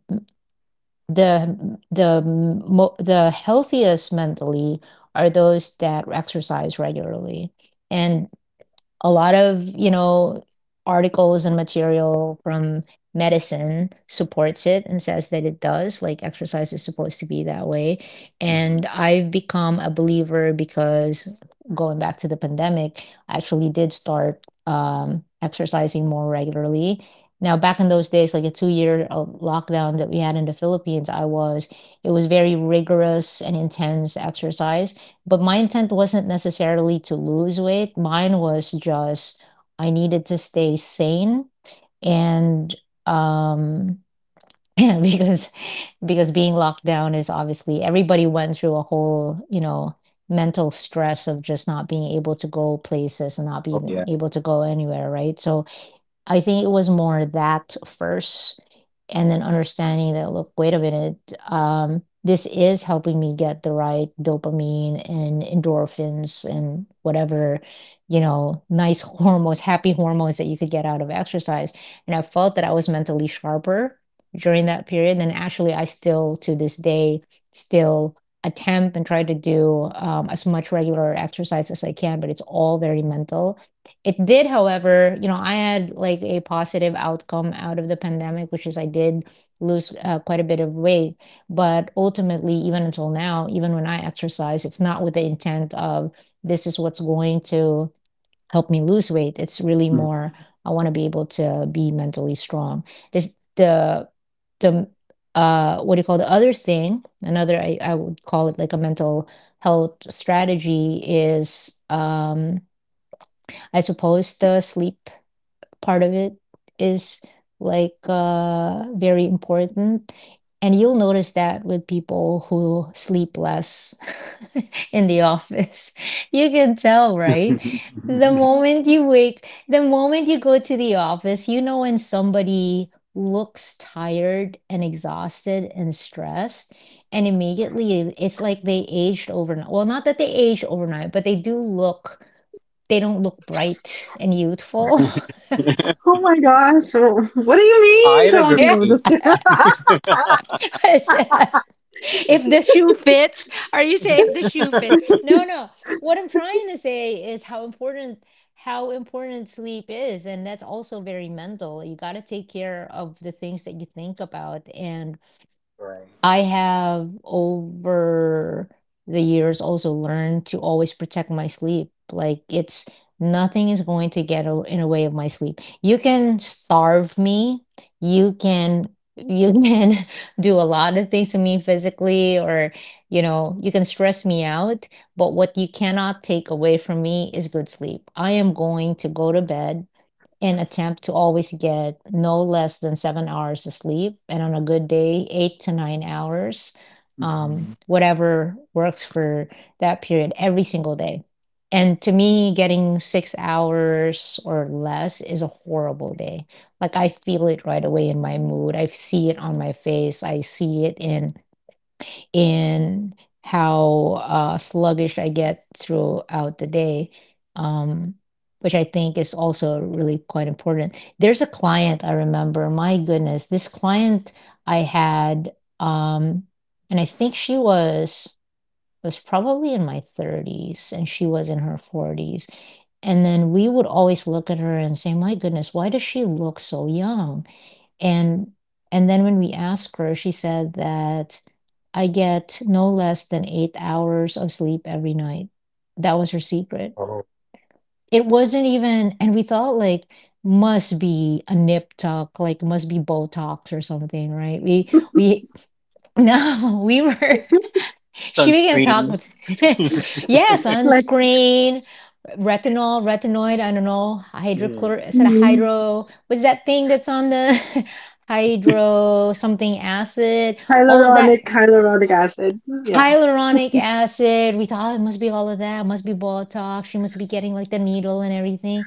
S1: the healthiest mentally are those that exercise regularly. And a lot of, you know, articles and material from medicine supports it and says that it does, like exercise is supposed to be that way,
S3: Mhm.
S1: and I've become a believer because, going back to the pandemic, I actually did start exercising more regularly. Now back in those days, like a 2 year lockdown that we had in the Philippines, I was, it was very rigorous and intense exercise, but my intent wasn't necessarily to lose weight. Mine was just I needed to stay sane and um yeah, because being locked down is, obviously everybody went through a whole, you know, mental stress of just not being able to go places and not
S3: Oh,
S1: being
S3: yeah.
S1: able to go anywhere, right? So I think it was more that first, and then understanding that, look, wait a minute, this is helping me get the right dopamine and endorphins and whatever, you know, nice hormones, happy hormones that you could get out of exercise. And I felt that I was mentally sharper during that period. And actually, I still, to this day, still attempt and try to do as much regular exercise as I can, but it's all very mental. It did, however, you know, I had like a positive outcome out of the pandemic, which is I did lose quite a bit of weight. But ultimately, even until now, even when I exercise, it's not with the intent of this is what's going to help me lose weight. It's really more I want to be able to be mentally strong. This the what do you call the other thing? Another, I would call it like a mental health strategy is I suppose the sleep part of it is like very important. And you'll notice that with people who sleep less in the office. You can tell, right? The moment you go to the office, you know when somebody looks tired and exhausted and stressed, and immediately it's like they aged overnight. Well, not that they aged overnight, but they do look, they don't look bright and youthful.
S2: Oh my gosh. Oh, what do you
S3: I
S2: mean,
S3: would
S2: Tony?
S1: Yeah.
S2: No, just
S3: agree.
S2: kidding.
S1: What's that? If the shoe fits, are you saying if the shoe fits? No. What I'm trying to say is how important, how important sleep is, and that's also very mental. You got to take care of the things that you think about. And.
S3: Right.
S1: I have over the years also learned to always protect my sleep. Like, it's, nothing is going to get in the way of my sleep. You can starve me. You can you can do a lot of things to me physically, or, you know, you can stress me out, but what you cannot take away from me is good sleep. I am going to go to bed and attempt to always get no less than 7 hours of sleep, and on a good day 8 to 9 hours,
S3: hmm
S1: whatever works for that period, every single day. And to me, getting 6 hours or less is a horrible day. Like, I feel it right away in my mood. I see it on my face. I see it in how sluggish I get throughout the day, um, which I think is also really quite important. There's a client I remember, my goodness, this client I had, and I think she was probably in my 30s and she was in her 40s. And then we would always look at her and say, my goodness, why does she look so young? And and then when we asked her, she said that I get no less than 8 hours of sleep every night. That was her secret.
S3: Oh.
S1: It wasn't even, and we thought like must be a nip tuck, like must be Botox or something, right? We no, we were, she began to talk
S3: Sunscreen.
S1: with, yeah,
S2: Like
S1: sunscreen, retinol, retinoid, I don't know, hydrochlor,
S3: Mm.
S1: is it a
S2: mm,
S1: hydro, what's that thing that's on the hydro something acid, all of that,
S2: hyaluronic, hyaluronic acid. Yeah.
S1: hyaluronic acid. We thought, oh, it must be all of that. It must be Botox. She must be getting like the needle and everything.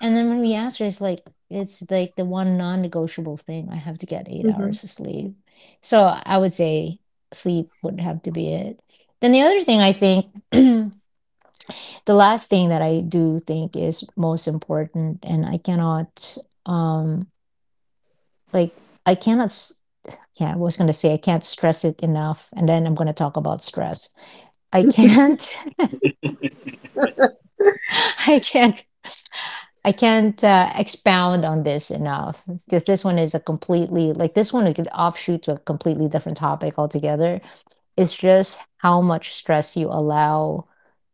S1: And then when we asked her, it's like the one non negotiable thing. I have to get eight
S2: hmm
S1: hours of sleep. So I would say sleep would have to be it. Then the other thing I think, the last thing that I do think is most important, and I cannot, um, like, I cannot, yeah, I was going to say, I can't stress it enough. And then I'm going to talk about stress. I can't I can't I can't expound on this enough because this one is a completely, like, this one we could offshoot to a completely different topic altogether. It's just how much stress you allow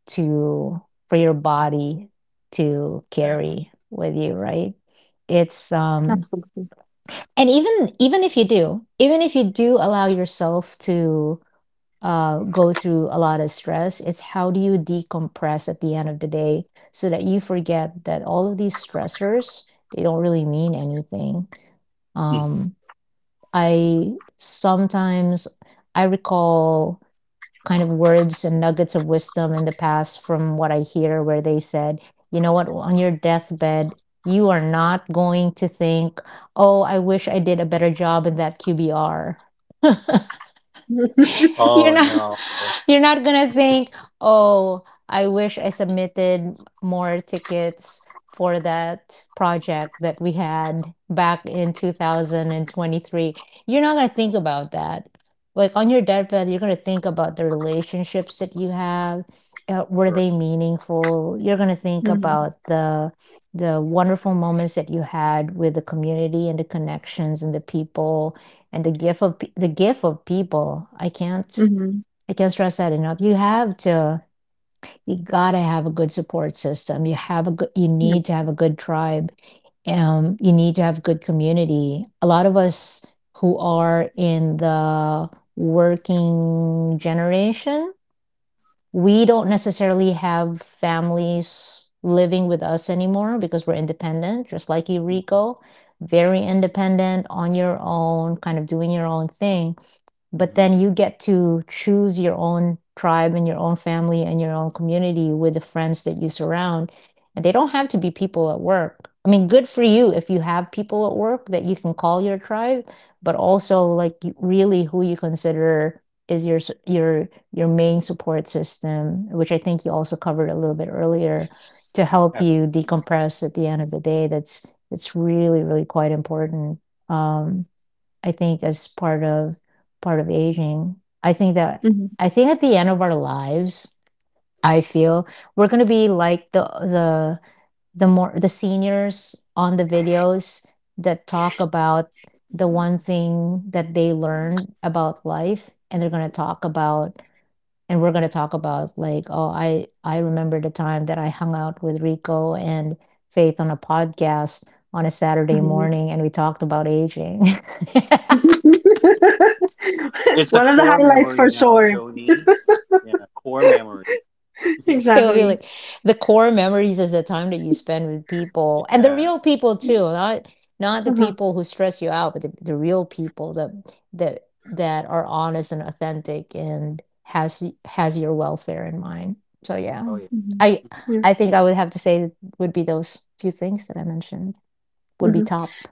S1: to, for your body to
S3: Yeah.
S1: carry with you, right? It's
S2: Absolutely.
S1: and even if you do, even if you do allow yourself to go through a lot of stress. It's how do you decompress at the end of the day so that you forget that all of these stressors, they don't really mean anything.
S3: Mhm.
S1: Um, I sometimes, I recall kind of words and nuggets of wisdom in the past from what I hear where they said, you know what, on your deathbed, you are not going to think, oh, I wish I did a better job in that QBR. You're
S3: Oh,
S1: not
S3: no.
S1: you're not gonna think, "Oh, I wish I submitted more tickets for that project that we had back in 2023." You're not gonna think about that. Like, on your deathbed, you're gonna think about the relationships that you have, were
S3: Right.
S1: they meaningful? You're gonna think
S2: hmm
S1: about the wonderful moments that you had with the community and the connections and the people and the gift of people.
S2: hmm
S1: I can't stress that enough. You have to, you gotta have a good support system. You have a good, you
S2: Yep.
S1: need to have a good tribe. You need to have good community. A lot of us who are in the working generation, we don't necessarily have families living with us anymore because we're independent, just like you, Rico. Very independent, on your own, kind of doing your own thing, but
S3: hmm
S1: then you get to choose your own tribe and your own family and your own community with the friends that you surround, and they don't have to be people at work. I mean, good for you if you have people at work that you can call your tribe, but also like really who you consider is your main support system, which I think you also covered a little bit earlier, to help
S3: Yeah.
S1: you decompress at the end of the day. That's, it's really really quite important. um I think as part of aging, I think that,
S2: hmm
S1: I think at the end of our lives, I feel we're gonna be like the seniors on the videos that talk about the one thing that they learned about life, and they're gonna talk about, and we're gonna talk about like, oh, I remember the time that I hung out with Rico and Faith on a podcast on a Saturday
S2: hmm
S1: morning and we talked about aging.
S2: One
S3: It's a
S2: of the
S3: core
S2: highlights
S3: memory
S2: for
S3: now,
S2: sure.
S3: Tony. Yeah, core memory.
S1: It would be
S2: Exactly.
S1: like the core memories is the time that you spend with people, and the
S3: yeah.
S1: real people too, not not the
S2: Uh-huh.
S1: people who stress you out, but the real people that that are honest and authentic and has has your welfare in mind. So yeah,
S3: Oh, yeah.
S2: hmm
S1: I
S2: Yeah.
S1: I think I would have to say that would be those few things that I mentioned would be
S2: hmm
S1: top.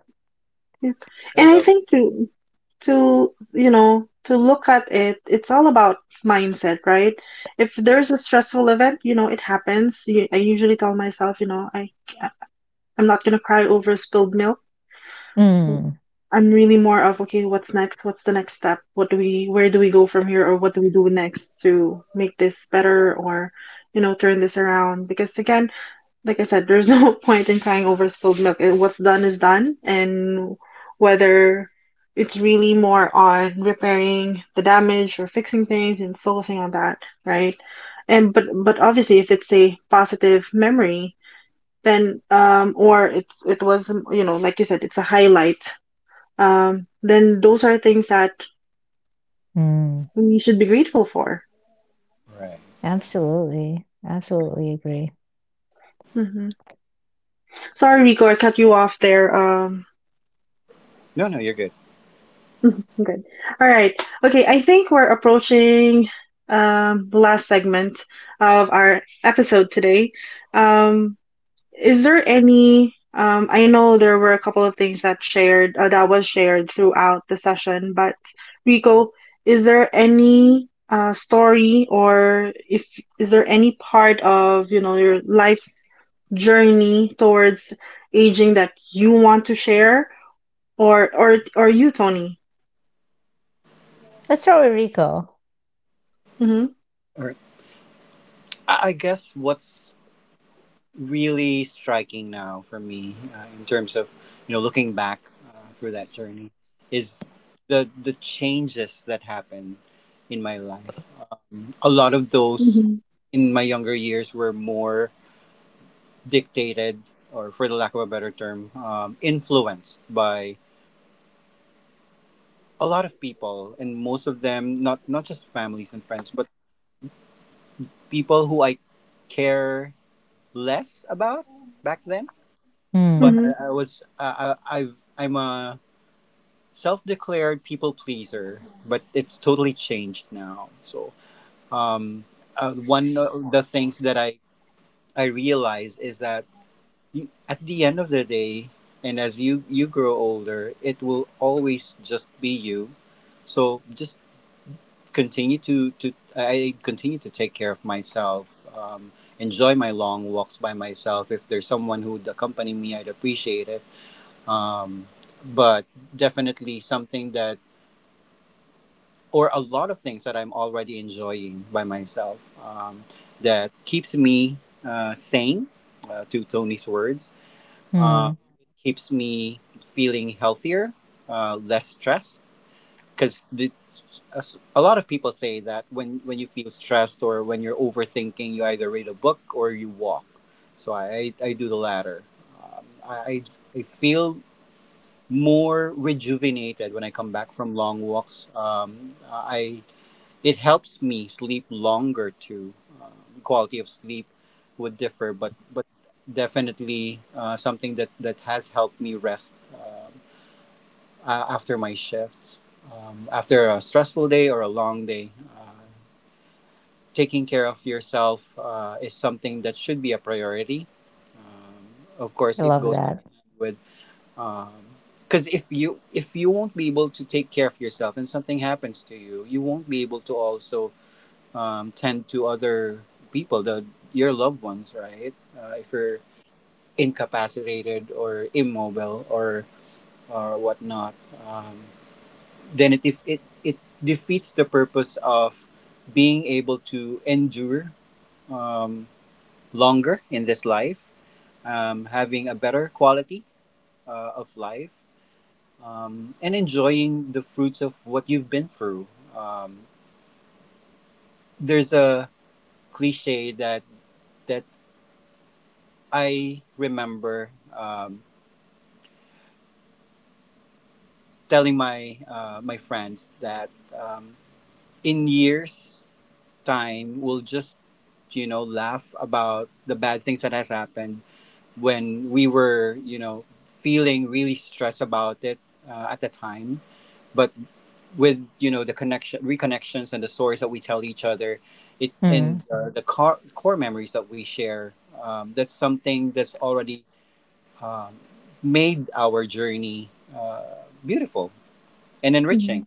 S2: Yeah.
S3: I
S2: And I
S3: love
S2: think to you know to look at it, it's all about mindset, right? If there's a stressful event, you know, it happens. You, I usually tell myself, you know, I'm not gonna cry over spilled milk.
S1: Mm,
S2: I'm really more of okay, what's next? What's the next step? What do we, where do we go from here, or what do we do next to make this better, or you know, turn this around? Because again, like I said, there's no point in crying over spilled milk. It- What's done is done, and whether it's really more on repairing the damage or fixing things and focusing on that, right? And but obviously, if it's a positive memory, then or it's it was you know like you said, it's a highlight. Then those are things that
S1: mm,
S2: we should be grateful for.
S3: that. Right. Yeah.
S1: absolutely, absolutely agree.
S2: Hmm Sorry, Rico, I cut you off there.
S3: No, no, you're good.
S2: Mhm, good. All right. Okay, I think we're approaching the last segment of our episode today. Um, is there any? I know there were a couple of things that shared that was shared throughout the session, but Rico, is there any story or if is there any part of you know your life's journey towards aging that you want to share, or or you, Tony?
S1: Let's start with Rico.
S2: Mm-hmm.
S3: All right. I guess what's really striking now for me, in terms of, you know, looking back through that journey is the changes that happened in my life. A lot of those
S2: Mhm,
S3: in my younger years were more dictated or, for the lack of a better term, influenced by a lot of people, and most of them, not just families and friends, but people who I care less about back then. But
S1: Mm,
S2: mhm,
S3: I was I- I've I'm a self-declared people pleaser, but it's totally changed now. Um, One of the things that I realize is that, you, at the end of the day, and as you grow older, it will always just be you. So just continue to take care of myself. Enjoy my long walks by myself. If there's someone who would accompany me, I'd appreciate it. Um, but definitely something that, or a lot of things that I'm already enjoying by myself, um, that keeps me sane, to Tony's words. Um,
S1: mm,
S3: it keeps me feeling healthier, less stressed. Because a lot of people say that when you feel stressed or when you're overthinking, you either read a book or you walk. So do the latter. Um, I, I I feel more rejuvenated when I come back from long walks. I it helps me sleep longer too. Uh, Quality of sleep would differ, but definitely something that has helped me rest after my shifts, after a stressful day or a long day. Uh, Taking care of yourself is something that should be a priority. Um, of course,
S1: I
S3: it
S1: love
S3: goes hand
S1: that.
S3: in hand with. Because if you won't be able to take care of yourself and something happens to you, you won't be able to also tend to other people, the your loved ones, right? If you're incapacitated or immobile or whatnot, um, then it if it it defeats the purpose of being able to endure um, longer in this life, having a better quality of life, and enjoying the fruits of what you've been through. Um, there's a cliche that that I remember, telling my my friends that, um, in years time we'll just, you know, laugh about the bad things that has happened when we were, you know, feeling really stressed about it at the time. But with, you know, the connection reconnections and the stories that we tell each other, it and
S1: Mm.
S3: the core memories that we share, that's something that's already, um, made our journey uh, beautiful and
S2: mhm.
S3: enriching.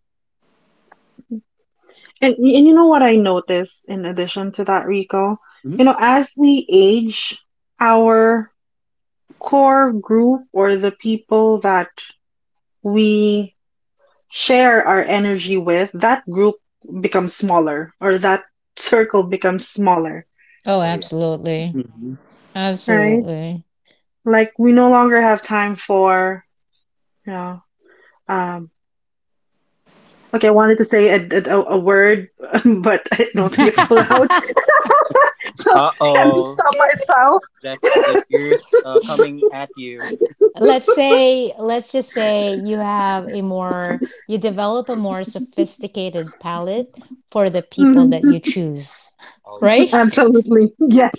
S2: And and you know what I notice in addition to that, Rico?
S3: Mhm.
S2: You know, as we age, our core group or the people that we share our energy with, that group becomes smaller or that circle becomes smaller,
S1: Oh,
S3: Oh, yeah.
S1: absolutely.
S3: Mhm.
S2: right?
S1: Absolutely.
S2: Like we no longer have time for, you know, um, okay, I wanted to say a word, but I don't think it's allowed, so
S3: Uh
S2: I had to
S3: oh,
S2: stop myself.
S3: that's the years coming at you.
S1: Let's say, let's just say you have a more, you develop a more sophisticated palette for the people that you
S2: Mhm.
S1: choose,
S3: Oh, yeah,
S1: right?
S2: Absolutely. Yes.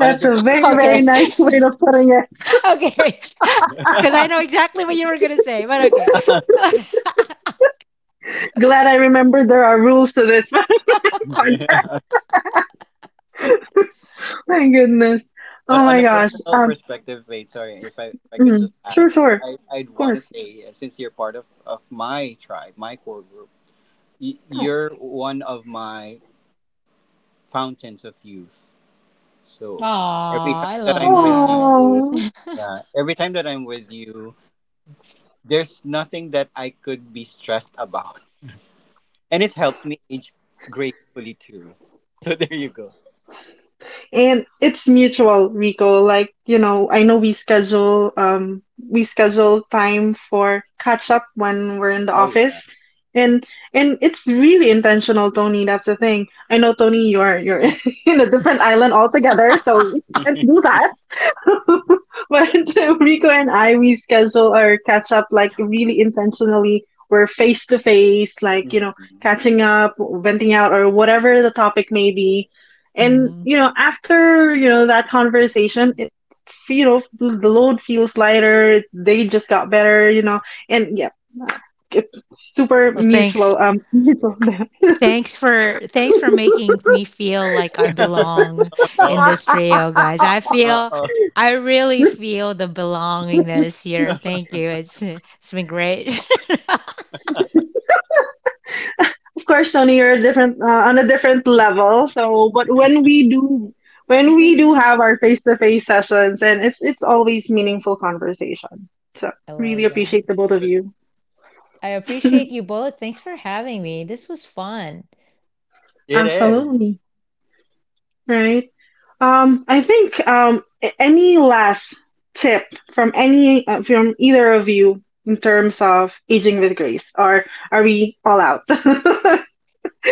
S3: on a
S2: a
S3: different
S2: very,
S1: Okay.
S2: very
S3: perspective.
S2: nice way of putting it.
S1: Okay. Because I know exactly what you were going to say, but okay.
S2: Glad I remembered there are rules to this
S3: yeah.
S2: podcast. My goodness. Oh
S3: On
S2: my
S3: a
S2: gosh.
S1: Oh,
S3: personal perspective, wait, sorry, if I could
S2: Mhm.
S3: just
S2: Sure,
S3: add,
S2: sure.
S3: I I'd
S2: Of
S3: want to
S2: course.
S3: say, since you're part of my tribe, my core group, you're one of my fountains of youth. So every time
S1: I
S3: that
S1: love
S3: I'm with
S1: that.
S3: you,
S2: Oh.
S3: yeah, every time that I'm with you, there's nothing that I could be stressed about. And it helps me age gracefully too. So there you go.
S2: And it's mutual, Rico. Like, you know, I know we schedule time for catch up when we're in the
S3: Oh, yeah.
S2: office. And and it's really intentional, Tony. That's the thing. I know, Tony, you're
S1: Yeah.
S2: in a different island altogether, so we can't do that. But Rico and I, we schedule our catch up like really intentionally. We're face to face, like, you know,
S3: Mhm.
S2: catching up, venting out, or whatever the topic may be. And,
S1: Mm.
S2: you know, after, you know, that conversation, it, you know, the load feels lighter. They just got better, you know, and yeah, it's super
S1: Well,
S2: mutual,
S1: thanks.
S3: Yeah.
S2: mutual.
S1: Thanks for making me feel like I belong
S3: oh,
S1: in
S3: no.
S1: this trio, guys. I
S3: Uh
S1: feel,
S3: oh.
S1: I really feel the belongingness here. Thank you. It's been great.
S2: Of course, Tony, you're a different on a different level. So, but when we do have our face-to-face sessions, and it's always meaningful conversation. So,
S1: I
S2: really
S1: love that.
S2: appreciate the both of you.
S1: I appreciate you both. Thanks for having me. This was fun.
S3: It is.
S2: Absolutely. Right. I think any last tip from any from either of you in terms of aging with grace, or are we all out?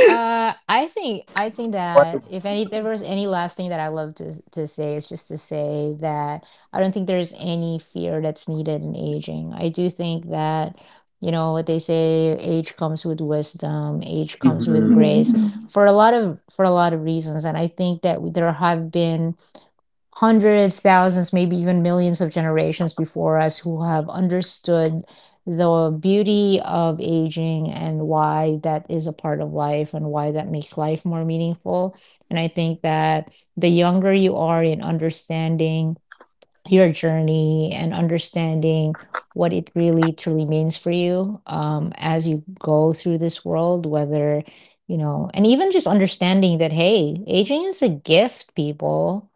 S1: I think, I think that if any, there was any last thing that I love to to say is just to say that I don't think there's any fear that's needed in aging. I do think that, you know what they say, age comes with wisdom, age comes with
S4: Hmm.
S2: Mhm.
S1: grace for a lot of, for a lot of reasons, and I think that there have been hundreds, thousands, maybe even millions of generations before us who have understood the beauty of aging and why that is a part of life and why that makes life more meaningful. And I think that the younger you are in understanding your journey and understanding what it really truly means for you, as you go through this world, whether, you know, and even just understanding that, hey, aging is a gift, people.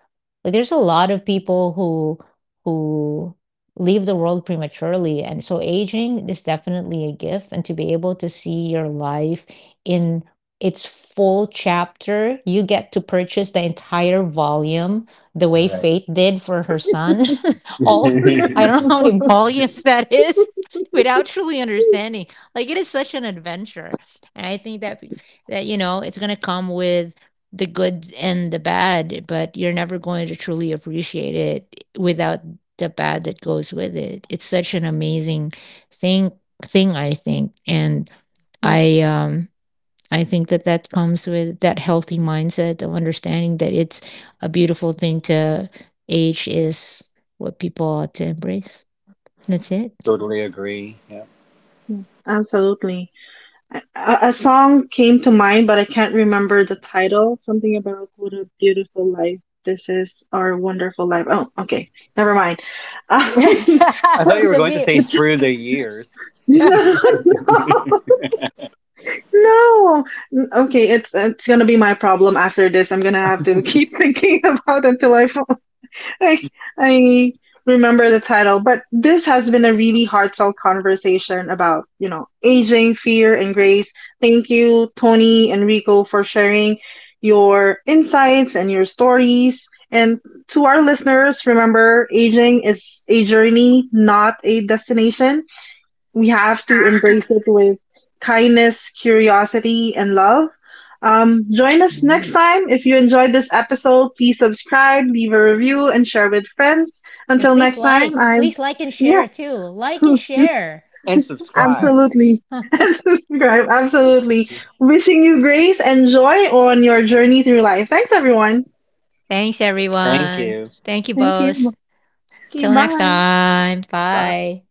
S1: Like, there's a lot of people who leave the world prematurely. And so aging is definitely a gift. And to be able to see your life in its full chapter, you get to purchase the entire volume the way
S4: Right.
S1: Faith did for her son. All, I don't know how many volumes that is without truly understanding. Like, it is such an adventure, and I think that, that, you know, it's gonna come with the good and the bad, but you're never going to truly appreciate it without the bad that goes with it. It's such an amazing thing thing I think, and
S2: Yep.
S1: I um I think that that comes with that healthy mindset of understanding that it's a beautiful thing to age is what people ought to embrace. That's it.
S4: Totally agree. Yeah.
S2: Yep. Absolutely. A, a song came to mind, but I can't remember the title. Something about what a beautiful life this is, our wonderful life. Oh, okay, never mind. Um,
S4: I thought you
S1: It's
S4: were
S1: a
S4: going to
S1: beauty.
S4: say
S2: it's
S4: through the years.
S2: no,
S4: And
S2: no. Okay, it's gonna be my problem after this. I'm gonna have to keep thinking about until I, I remember the title, but this has been a really heartfelt conversation about, you know, aging, fear, and grace. Thank you, Tony and Rico, for sharing your insights and your stories. And to our listeners, remember aging is a journey, not a destination we have to embrace it with kindness, curiosity, and love. Join us next
S1: Mm.
S2: time. If you enjoyed this episode, please subscribe, leave a review, and share with friends.
S1: And
S2: Until next time, I'm
S1: please like and
S2: yes,
S1: share too. Like and share.
S4: subscribe.
S2: absolutely. And subscribe, absolutely. Wishing you grace and joy on your journey through life. Thanks, everyone.
S1: Thanks,
S4: Thank
S1: everyone.
S4: you.
S1: Thank you
S2: Thank
S1: both.
S2: you. Okay,
S1: Till next
S2: bye.
S1: time.
S4: Bye.
S1: Bye.